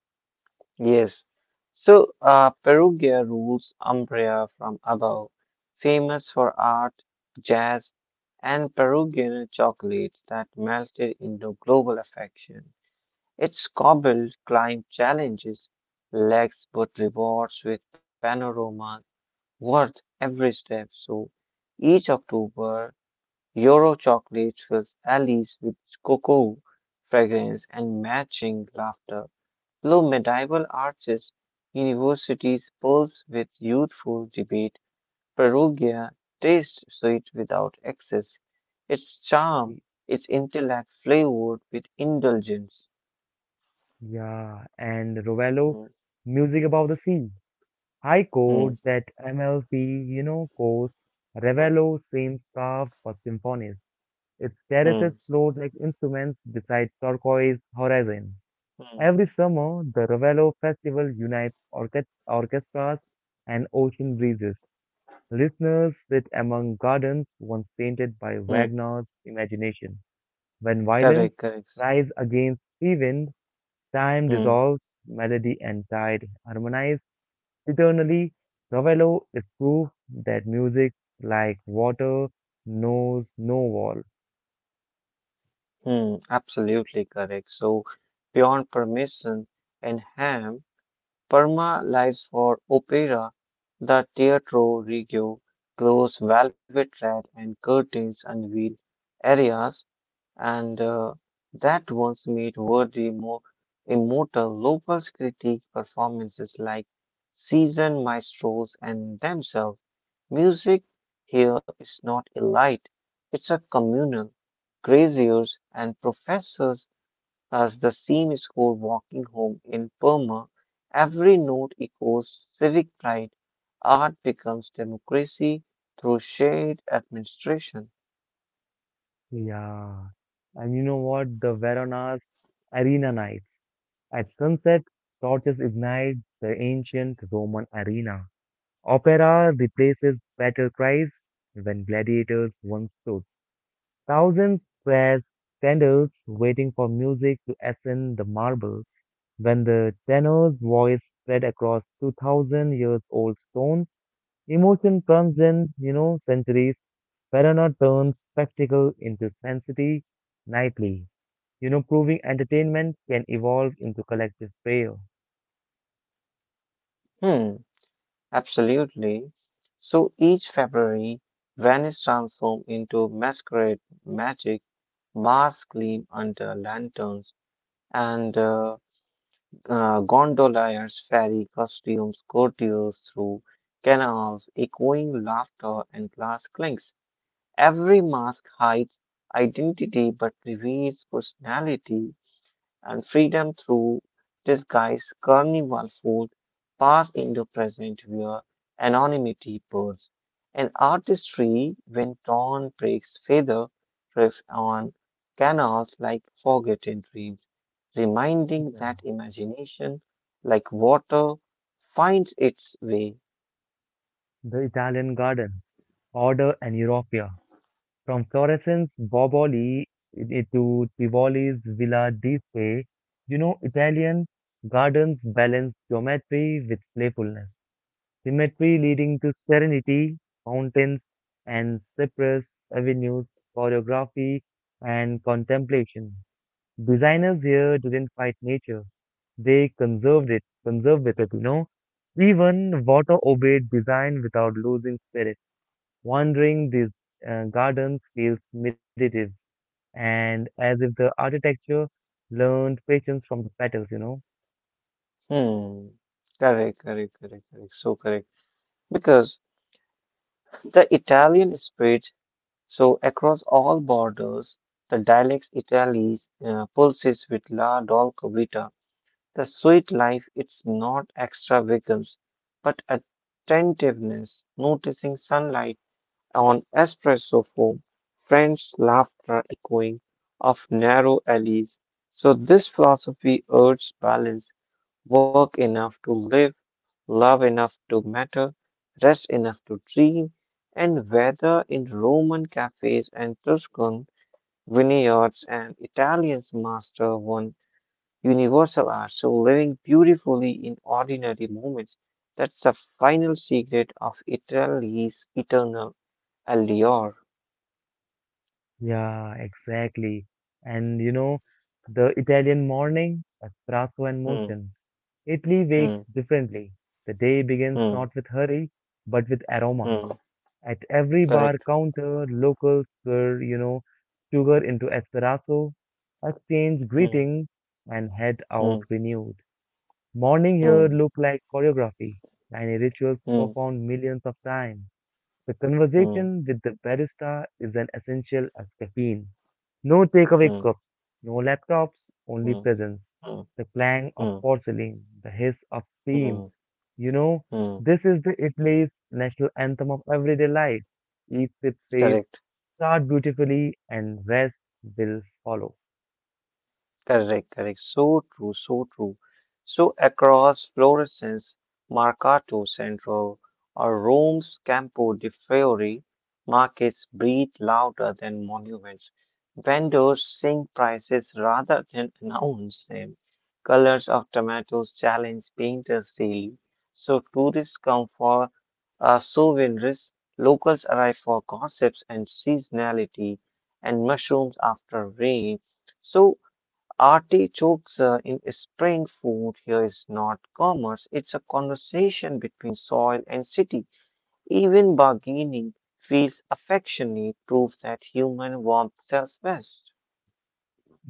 A: Yes. So, Perugia rules Umbria from above, famous for art, jazz, and Peruvian chocolates that melted into global affection. Its cobbled climb challenges legs but rewards with panoramas worth every step. So, each October, Euro chocolate fills alleys with cocoa fragrance and matching laughter. Though medieval arches universities pulse with youthful debate, Perugia tastes sweet without excess. Its charm, its intellect flavored with indulgence.
B: Yeah, and Rovello,
A: Hmm,
B: music above the sea. High
A: hmm,
B: chord that MLP, course,
A: hmm,
B: Ravello seems carved for symphonies. Its terraces
A: hmm,
B: float like instruments beside turquoise horizon.
A: hmm,
B: Every summer, the Ravello Festival unites orchestras and ocean breezes. Listeners sit among gardens once painted by
A: hmm.
B: Wagner's imagination. When violence
A: Correct, correct.
B: rise against sea wind, time
A: Hmm,
B: dissolves, melody and tide harmonize eternally. Ravello is proof that music, like water, knows no wall.
A: hmm, absolutely correct. So, beyond permission and ham, Parma lies for opera, the Teatro Regio, glows velvet red and curtains unveil areas and that once made worthy more immortal locals critique performances like seasoned maestros and themselves. Music here is not elite, it's a communal. Graziers and professors as the same score walking home in Burma. Every note echoes civic pride. Art becomes democracy through shared administration.
B: Yeah. And you know what? The Verona's arena nights. At sunset, torches ignite the ancient Roman arena. Opera replaces battle cries when gladiators once stood. Thousands were candles waiting for music to ascend the marble. When the tenor's voice spread across 2000 years old stone, emotion transcends, centuries. Verona turns spectacle into sensitivity nightly, proving entertainment can evolve into collective prayer.
A: Hmm, absolutely. So each February, Venice transforms into masquerade magic, masks gleam under lanterns, and gondoliers ferry costumes courtiers through canals, echoing laughter and glass clinks. Every mask hides identity but reveals personality and freedom through disguise. Carnival food passed into present where anonymity burns. An artistry when dawn breaks feather drift on canals like forgotten dreams, reminding that
B: Yeah.
A: imagination, like water, finds its way.
B: The Italian Garden, Order and Europia, from Florence's Boboli to Tivoli's Villa di Spe, Italian gardens balance geometry with playfulness, symmetry leading to serenity, fountains and cypress avenues, choreography and contemplation. Designers here didn't fight nature. Conserved with it, Even water obeyed design without losing spirit. Wandering these gardens feels meditative and as if the architecture learned patience from the petals,
A: Hmm. Correct, correct, correct, correct. So correct. Because the Italian spread so across all borders. The dialects Italy's pulses with la dolcovita. The sweet life, it's not extravagance, but attentiveness, noticing sunlight on espresso foam, French laughter echoing of narrow alleys. So this philosophy urges balance, work enough to live, love enough to matter, rest enough to dream, and whether in Roman cafes and Tuscan vineyards and Italian's master one universal art, so living beautifully in ordinary moments, that's the final secret of Italy's eternal allure.
B: Yeah, exactly. And the Italian morning, espresso and
A: Hmm,
B: motion. Italy wakes
A: hmm,
B: differently. The day begins
A: hmm,
B: not with hurry, but with aroma.
A: hmm,
B: At every bar
A: correct.
B: counter, locals pour, sugar into espresso, exchange
A: Hmm,
B: greetings, and head
A: hmm,
B: out renewed. Morning here
A: hmm,
B: look like choreography. Tiny rituals
A: hmm,
B: performed millions of times. The
A: hmm,
B: conversation with the barista is an essential as caffeine. No takeaway
A: hmm,
B: cups, no laptops, only
A: hmm,
B: presence,
A: hmm,
B: the clang of
A: hmm,
B: porcelain, the hiss of
A: hmm,
B: steam. You know,
A: hmm,
B: this is the Italy's national anthem of everyday life. Each sip says,
A: correct.
B: start beautifully and rest will follow.
A: Correct, correct. So true, so true. So across Florence, Mercato Central, or Rome's Campo di Fiori, markets breathe louder than monuments. Vendors sing prices rather than (laughs) announce them. Colors of tomatoes challenge painters daily. So tourists come for souvenirs, locals arrive for gossips and seasonality, and mushrooms after rain. So artichokes in spring food here is not commerce, it's a conversation between soil and city. Even bargaining feels affectionate, proof that human warmth sells best.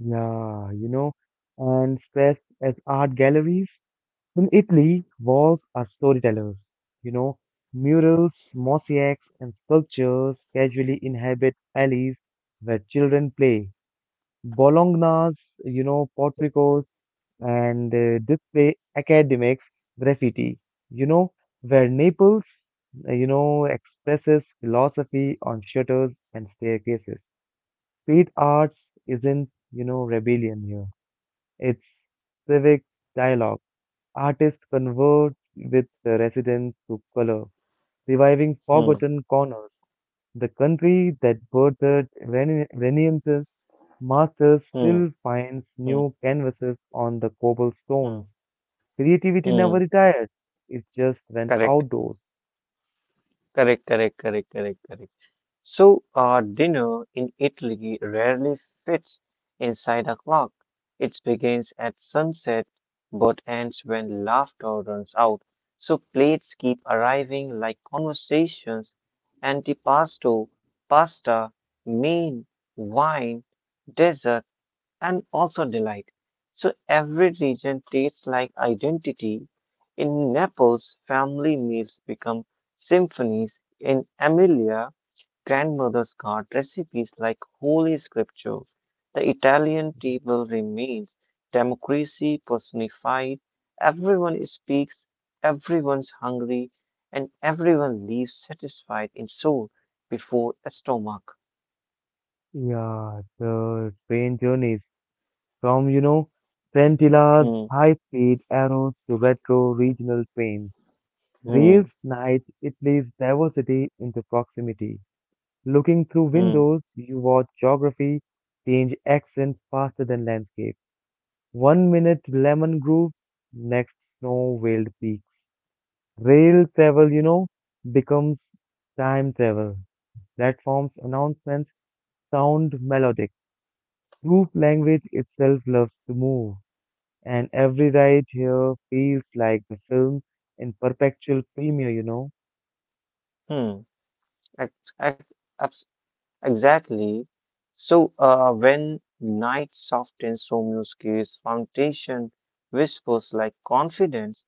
B: Yeah, and stressed as art galleries. In Italy, walls are storytellers. You know, murals, mosaics, and sculptures casually inhabit alleys where children play. Bologna's, porticos and display academics graffiti, you know, where Naples, expresses philosophy on shutters and staircases. Street arts isn't, rebellion here. It's civic dialogue. Artists converse with the residents through color, reviving
A: Hmm,
B: forgotten corners. The country that birthed Renaissance masters
A: hmm,
B: still finds
A: hmm,
B: new canvases on the
A: hmm,
B: cobblestones. Creativity
A: hmm.
B: never retired, it just went
A: Correct,
B: outdoors.
A: correct, correct, correct, correct, correct. So, dinner in Italy rarely fits inside a clock. It begins at sunset but ends when laughter runs out. So plates keep arriving like conversations, antipasto, pasta, main, wine, dessert, and also delight. So every region treats like identity. In Naples, family meals become symphonies. In Emilia, grandmothers guard recipes like holy scripture. The Italian table remains democracy personified. Everyone speaks, everyone's hungry, and everyone leaves satisfied in soul before a stomach.
B: Yeah, the train journeys from, Trentilla's
A: Hmm,
B: high speed arrows to retro regional trains. Rails
A: hmm,
B: night, it plays diversity into proximity. Looking through
A: hmm,
B: windows, you watch geography change accent faster than landscape. One minute lemon groves, next snow veiled peaks. Rail travel, becomes time travel. Platform's announcements sound melodic. Group language itself loves to move, and every ride here feels like the film in perpetual premiere,
A: hmm. Ex- ex- abs- Exactly. So, when night softens Somuski's foundation, whispers like confidence,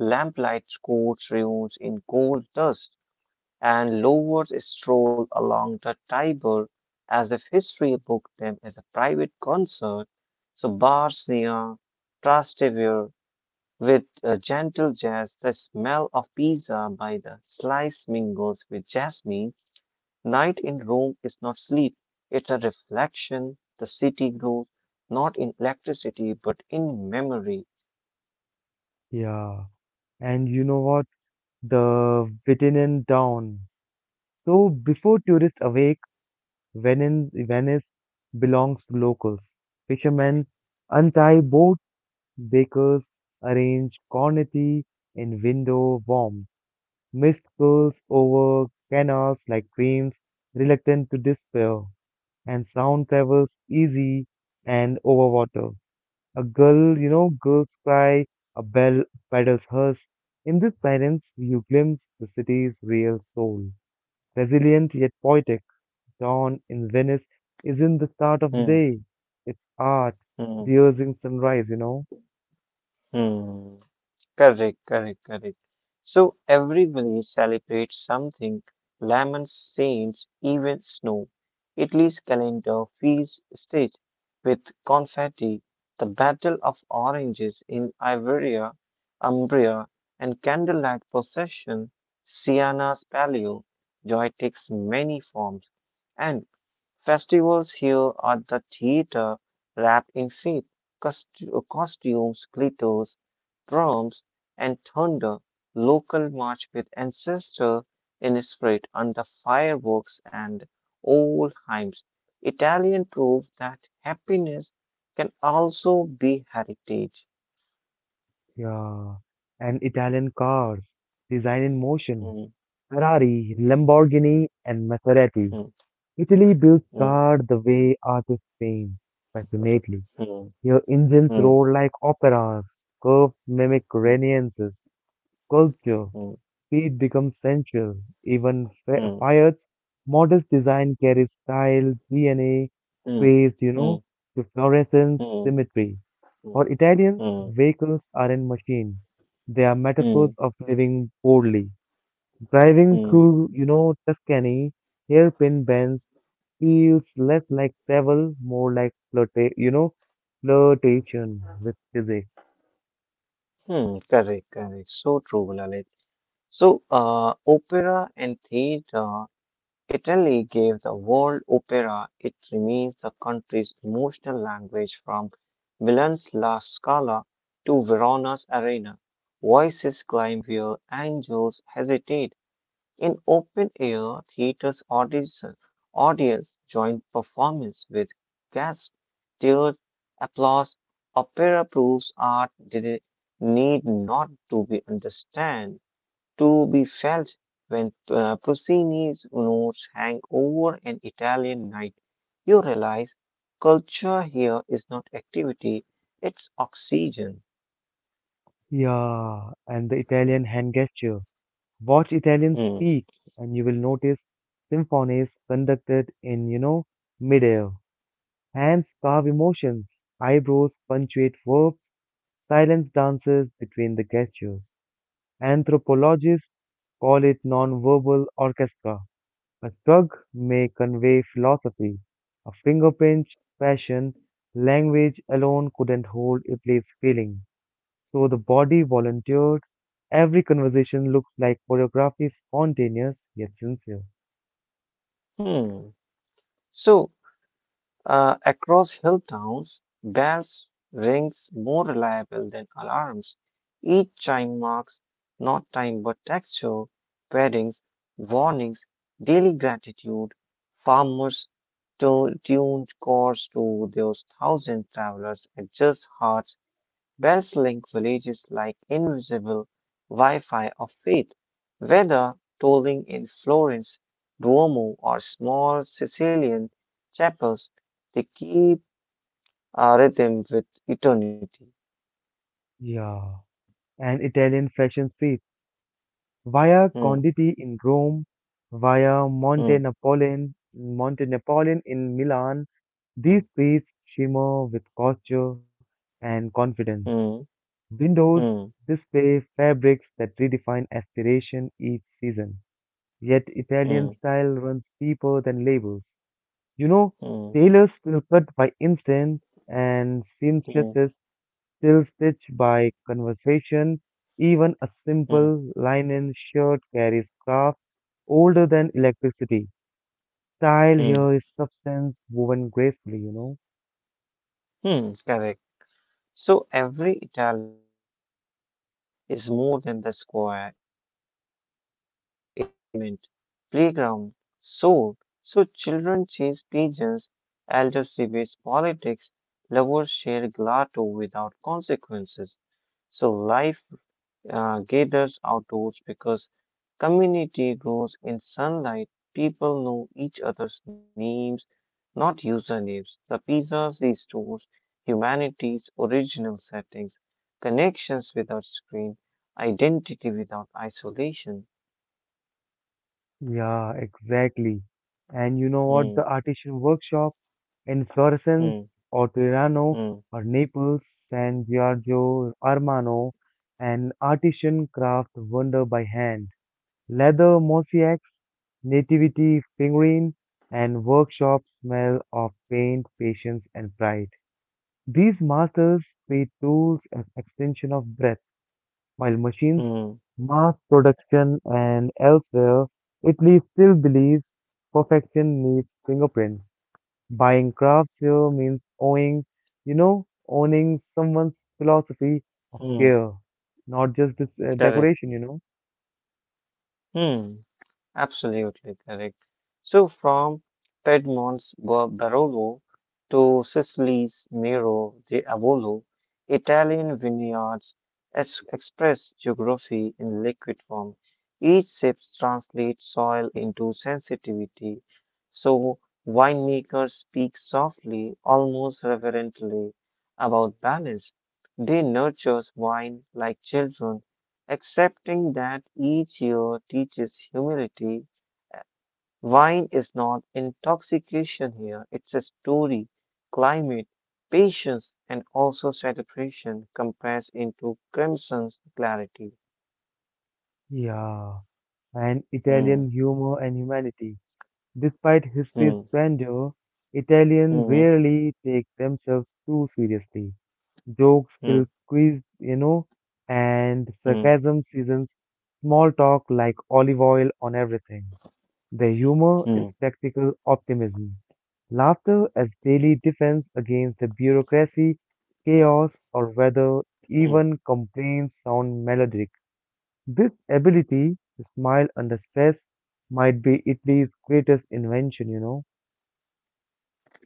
A: lamplight coats ruins in gold dust, and lovers stroll along the Tiber as if history booked them as a private concert. So, bars near Trastevere with a gentle jazz, the smell of pizza by the slice mingles with jasmine. Night in Rome is not sleep, it's a reflection. The city grows not in electricity but in memory.
B: Yeah. And you know what? The Vitinin Down. So before tourists awake, Venice belongs to locals. Fishermen untie boats, bakers arrange cornety in window warms. Mist curls over canals like dreams reluctant to despair, and sound travels easy and over water. A girl's cry, a bell paddles hers. In this silence, you glimpse the city's real soul. Resilient yet poetic, dawn in Venice isn't the start of the
A: Hmm,
B: day. It's art,
A: hmm,
B: rehearsing sunrise,
A: hmm. Correct, correct, correct. So every village celebrates something. Lemons, saints, even snow. Italy's calendar feels stitched with confetti. The Battle of Oranges in Iberia, Umbria, and candlelight procession, Sienna's palio. Joy takes many forms, and festivals here are the theater wrapped in faith. Costumes, glitters, drums and thunder, local march with ancestor in spirit under fireworks and old hymns. Italian prove that happiness can also be heritage.
B: Yeah. And Italian cars, design in motion,
A: Mm,
B: Ferrari, Lamborghini, and Maserati.
A: mm,
B: Italy built
A: mm,
B: cars the way artists paint, passionately.
A: mm,
B: Your engines
A: mm,
B: roar like operas, curves mimic Renaissances, culture,
A: mm,
B: speed becomes sensual, even
A: mm,
B: Fiat's modest design carries style, DNA,
A: mm,
B: space,
A: mm,
B: to fluorescence,
A: mm, mm, mm,
B: symmetry. For Italians,
A: mm,
B: vehicles aren't machines. They are metaphors
A: mm,
B: of living boldly. Driving
A: mm,
B: through, Tuscany, hairpin bends feels less like travel, more like flirtation with physics.
A: mm. Correct, correct. So true, Lalit. So, opera and theater Italy gave the world opera. It remains the country's emotional language from Milan's La Scala to Verona's Arena. Voices climb where angels hesitate. In open air theaters, audience join performance with gasps, tears, applause. Opera proves art did need not to be understand to be felt when Puccini's notes hang over an Italian night. You realize culture here is not activity, it's oxygen.
B: Yeah, and the Italian hand gesture. Watch
A: Hmm.
B: Italians speak, and you will notice symphonies conducted in, midair. Hands carve emotions, eyebrows punctuate verbs, silence dances between the gestures. Anthropologists call it non-verbal orchestra. A shrug may convey philosophy. A finger pinch, passion. Language alone couldn't hold a place feeling. So the body volunteered. Every conversation looks like choreography, spontaneous yet sincere.
A: Hmm. So, across hill towns, bells rings more reliable than alarms. Each chime marks not time but texture, weddings, warnings, daily gratitude. Farmers to tuned course to those thousand travelers adjust hearts. Wells Link Village is like invisible Wi-Fi of faith, whether tolling in Florence, Duomo, or small Sicilian chapels, they keep a rhythm with eternity.
B: Yeah. And Italian fashion streets. Via
A: Hmm,
B: Conditi in Rome, via
A: hmm,
B: Monte Napoleon in Milan,
A: hmm,
B: these streets shimmer with culture and confidence.
A: hmm,
B: Windows
A: hmm,
B: display fabrics that redefine aspiration each season. Yet Italian
A: hmm,
B: style runs deeper than labels. You know,
A: hmm,
B: tailors still cut by instinct and
A: hmm,
B: seamstresses still stitch by conversation. Even a
A: hmm,
B: simple linen shirt carries craft older than electricity. Style
A: hmm,
B: here is substance woven gracefully,
A: hmm, correct. So every Italian pizza is more than the square, it's a stage. Parliament, playground, soul. So children chase pigeons, elders debate politics, lovers share gelato without consequences. So life gathers outdoors because community grows in sunlight. People know each other's names, not usernames. The pizzas restores humanity's original settings, connections without screen, identity without isolation.
B: Yeah, exactly. And you know what? The
A: Hmm.
B: artisan workshop in Florence
A: Mm,
B: or Tirano
A: mm,
B: or Naples, San Giorgio Armano, an artisan craft wonder by hand. Leather mosaics, nativity figurine, and workshop smell of paint, patience, and pride. These masters treat tools as extension of breath, while machines,
A: mm,
B: mass production, and elsewhere, Italy still believes perfection needs fingerprints. Buying crafts here means owning someone's philosophy of
A: mm,
B: care, not just this,
A: correct.
B: decoration,
A: Mm, absolutely correct. So from Piedmont's Barolo to Sicily's Miro di Avolo, Italian vineyards express geography in liquid form. Each sip translates soil into sensitivity, so winemakers speak softly, almost reverently about balance. They nurture wine like children, accepting that each year teaches humility. Uh, Wine is not intoxication here, it's a story, climate, patience, and also celebration compressed into crimson's clarity.
B: Yeah, and
A: Hmm,
B: Italian humor and humanity. Despite history's
A: hmm,
B: grandeur, Italians
A: hmm,
B: rarely take themselves too seriously. Jokes
A: hmm,
B: will quiz, and
A: hmm,
B: sarcasm seasons small talk like olive oil on everything. The humor is
A: hmm,
B: practical optimism. Laughter as daily defense against the bureaucracy, chaos, or whether
A: hmm,
B: even complaints sound melodic. This ability to smile under stress might be Italy's greatest invention,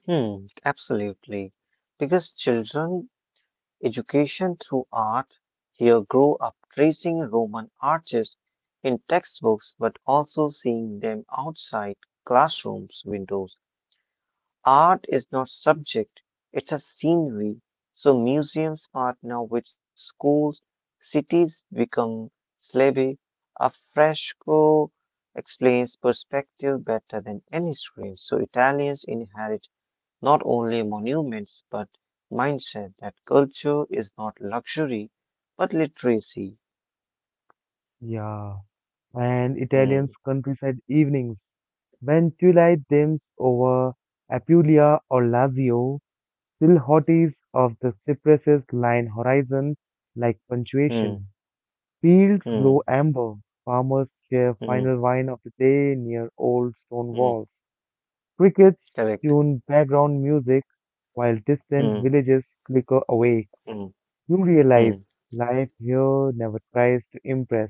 A: hmm, absolutely. Because children education through art here grow up tracing Roman arches in textbooks but also seeing them outside classrooms windows. Art is not subject, it's a scenery. So museums partner with schools, cities become slave. A fresco explains perspective better than any screen. So Italians inherit not only monuments but mindset that culture is not luxury but literacy.
B: Yeah. And Italians'
A: Hmm,
B: countryside evenings. When July dims over Apulia or Lazio, still hotties of the cypresses line horizon like
A: hmm,
B: punctuation. Fields
A: hmm,
B: glow amber, farmers share
A: hmm,
B: final wine of the day near old stone
A: hmm.
B: walls. Crickets
A: Correct.
B: tune background music while distant
A: Hmm,
B: villages flicker away.
A: hmm,
B: You
A: hmm,
B: realize life here never tries to impress,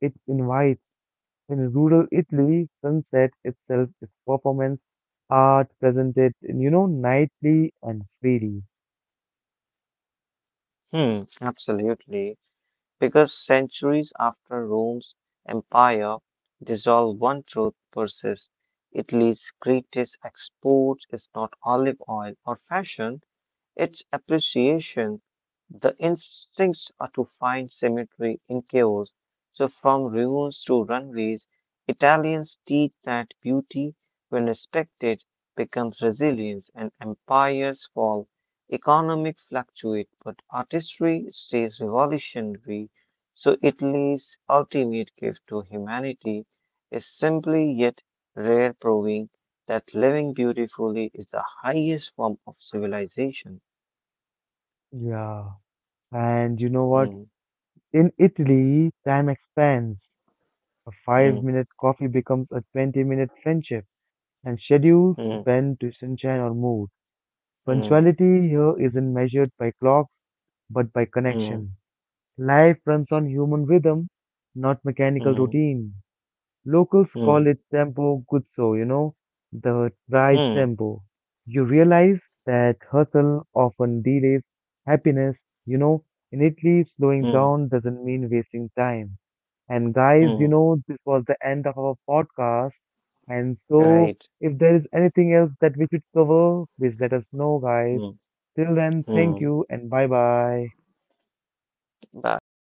B: it invites. In rural Italy, sunset itself is performance art presented, nightly and freely.
A: hmm, absolutely. Because centuries after Rome's empire dissolved, one truth persists. Italy's greatest export is not olive oil or fashion, it's appreciation. The instincts are to find symmetry in chaos. So, from ruins to runways, Italians teach that beauty, when respected, becomes resilience and empires fall. Economic fluctuate, but artistry stays revolutionary. So, Italy's ultimate gift to humanity is simply yet rare, proving that living beautifully is the highest form of civilization.
B: Yeah. And you know what?
A: Mm,
B: In Italy, time expands. A five
A: mm,
B: minute coffee becomes a 20-minute friendship, and schedules
A: mm,
B: bend to sunshine or mood.
A: mm,
B: Punctuality here isn't measured by clocks, but by
A: mm,
B: connection. Life runs on human rhythm, not mechanical
A: mm,
B: routine. Locals
A: mm,
B: call it tempo guzzo, the right
A: mm,
B: tempo. You realize that hustle often delays happiness, you know. In Italy, slowing
A: mm,
B: down doesn't mean wasting time. And guys,
A: mm.
B: this was the end of our podcast. And so,
A: Right.
B: if there is anything else that we should cover, please let us know, guys.
A: Mm,
B: Till then, thank
A: mm.
B: you and bye bye.
A: Bye.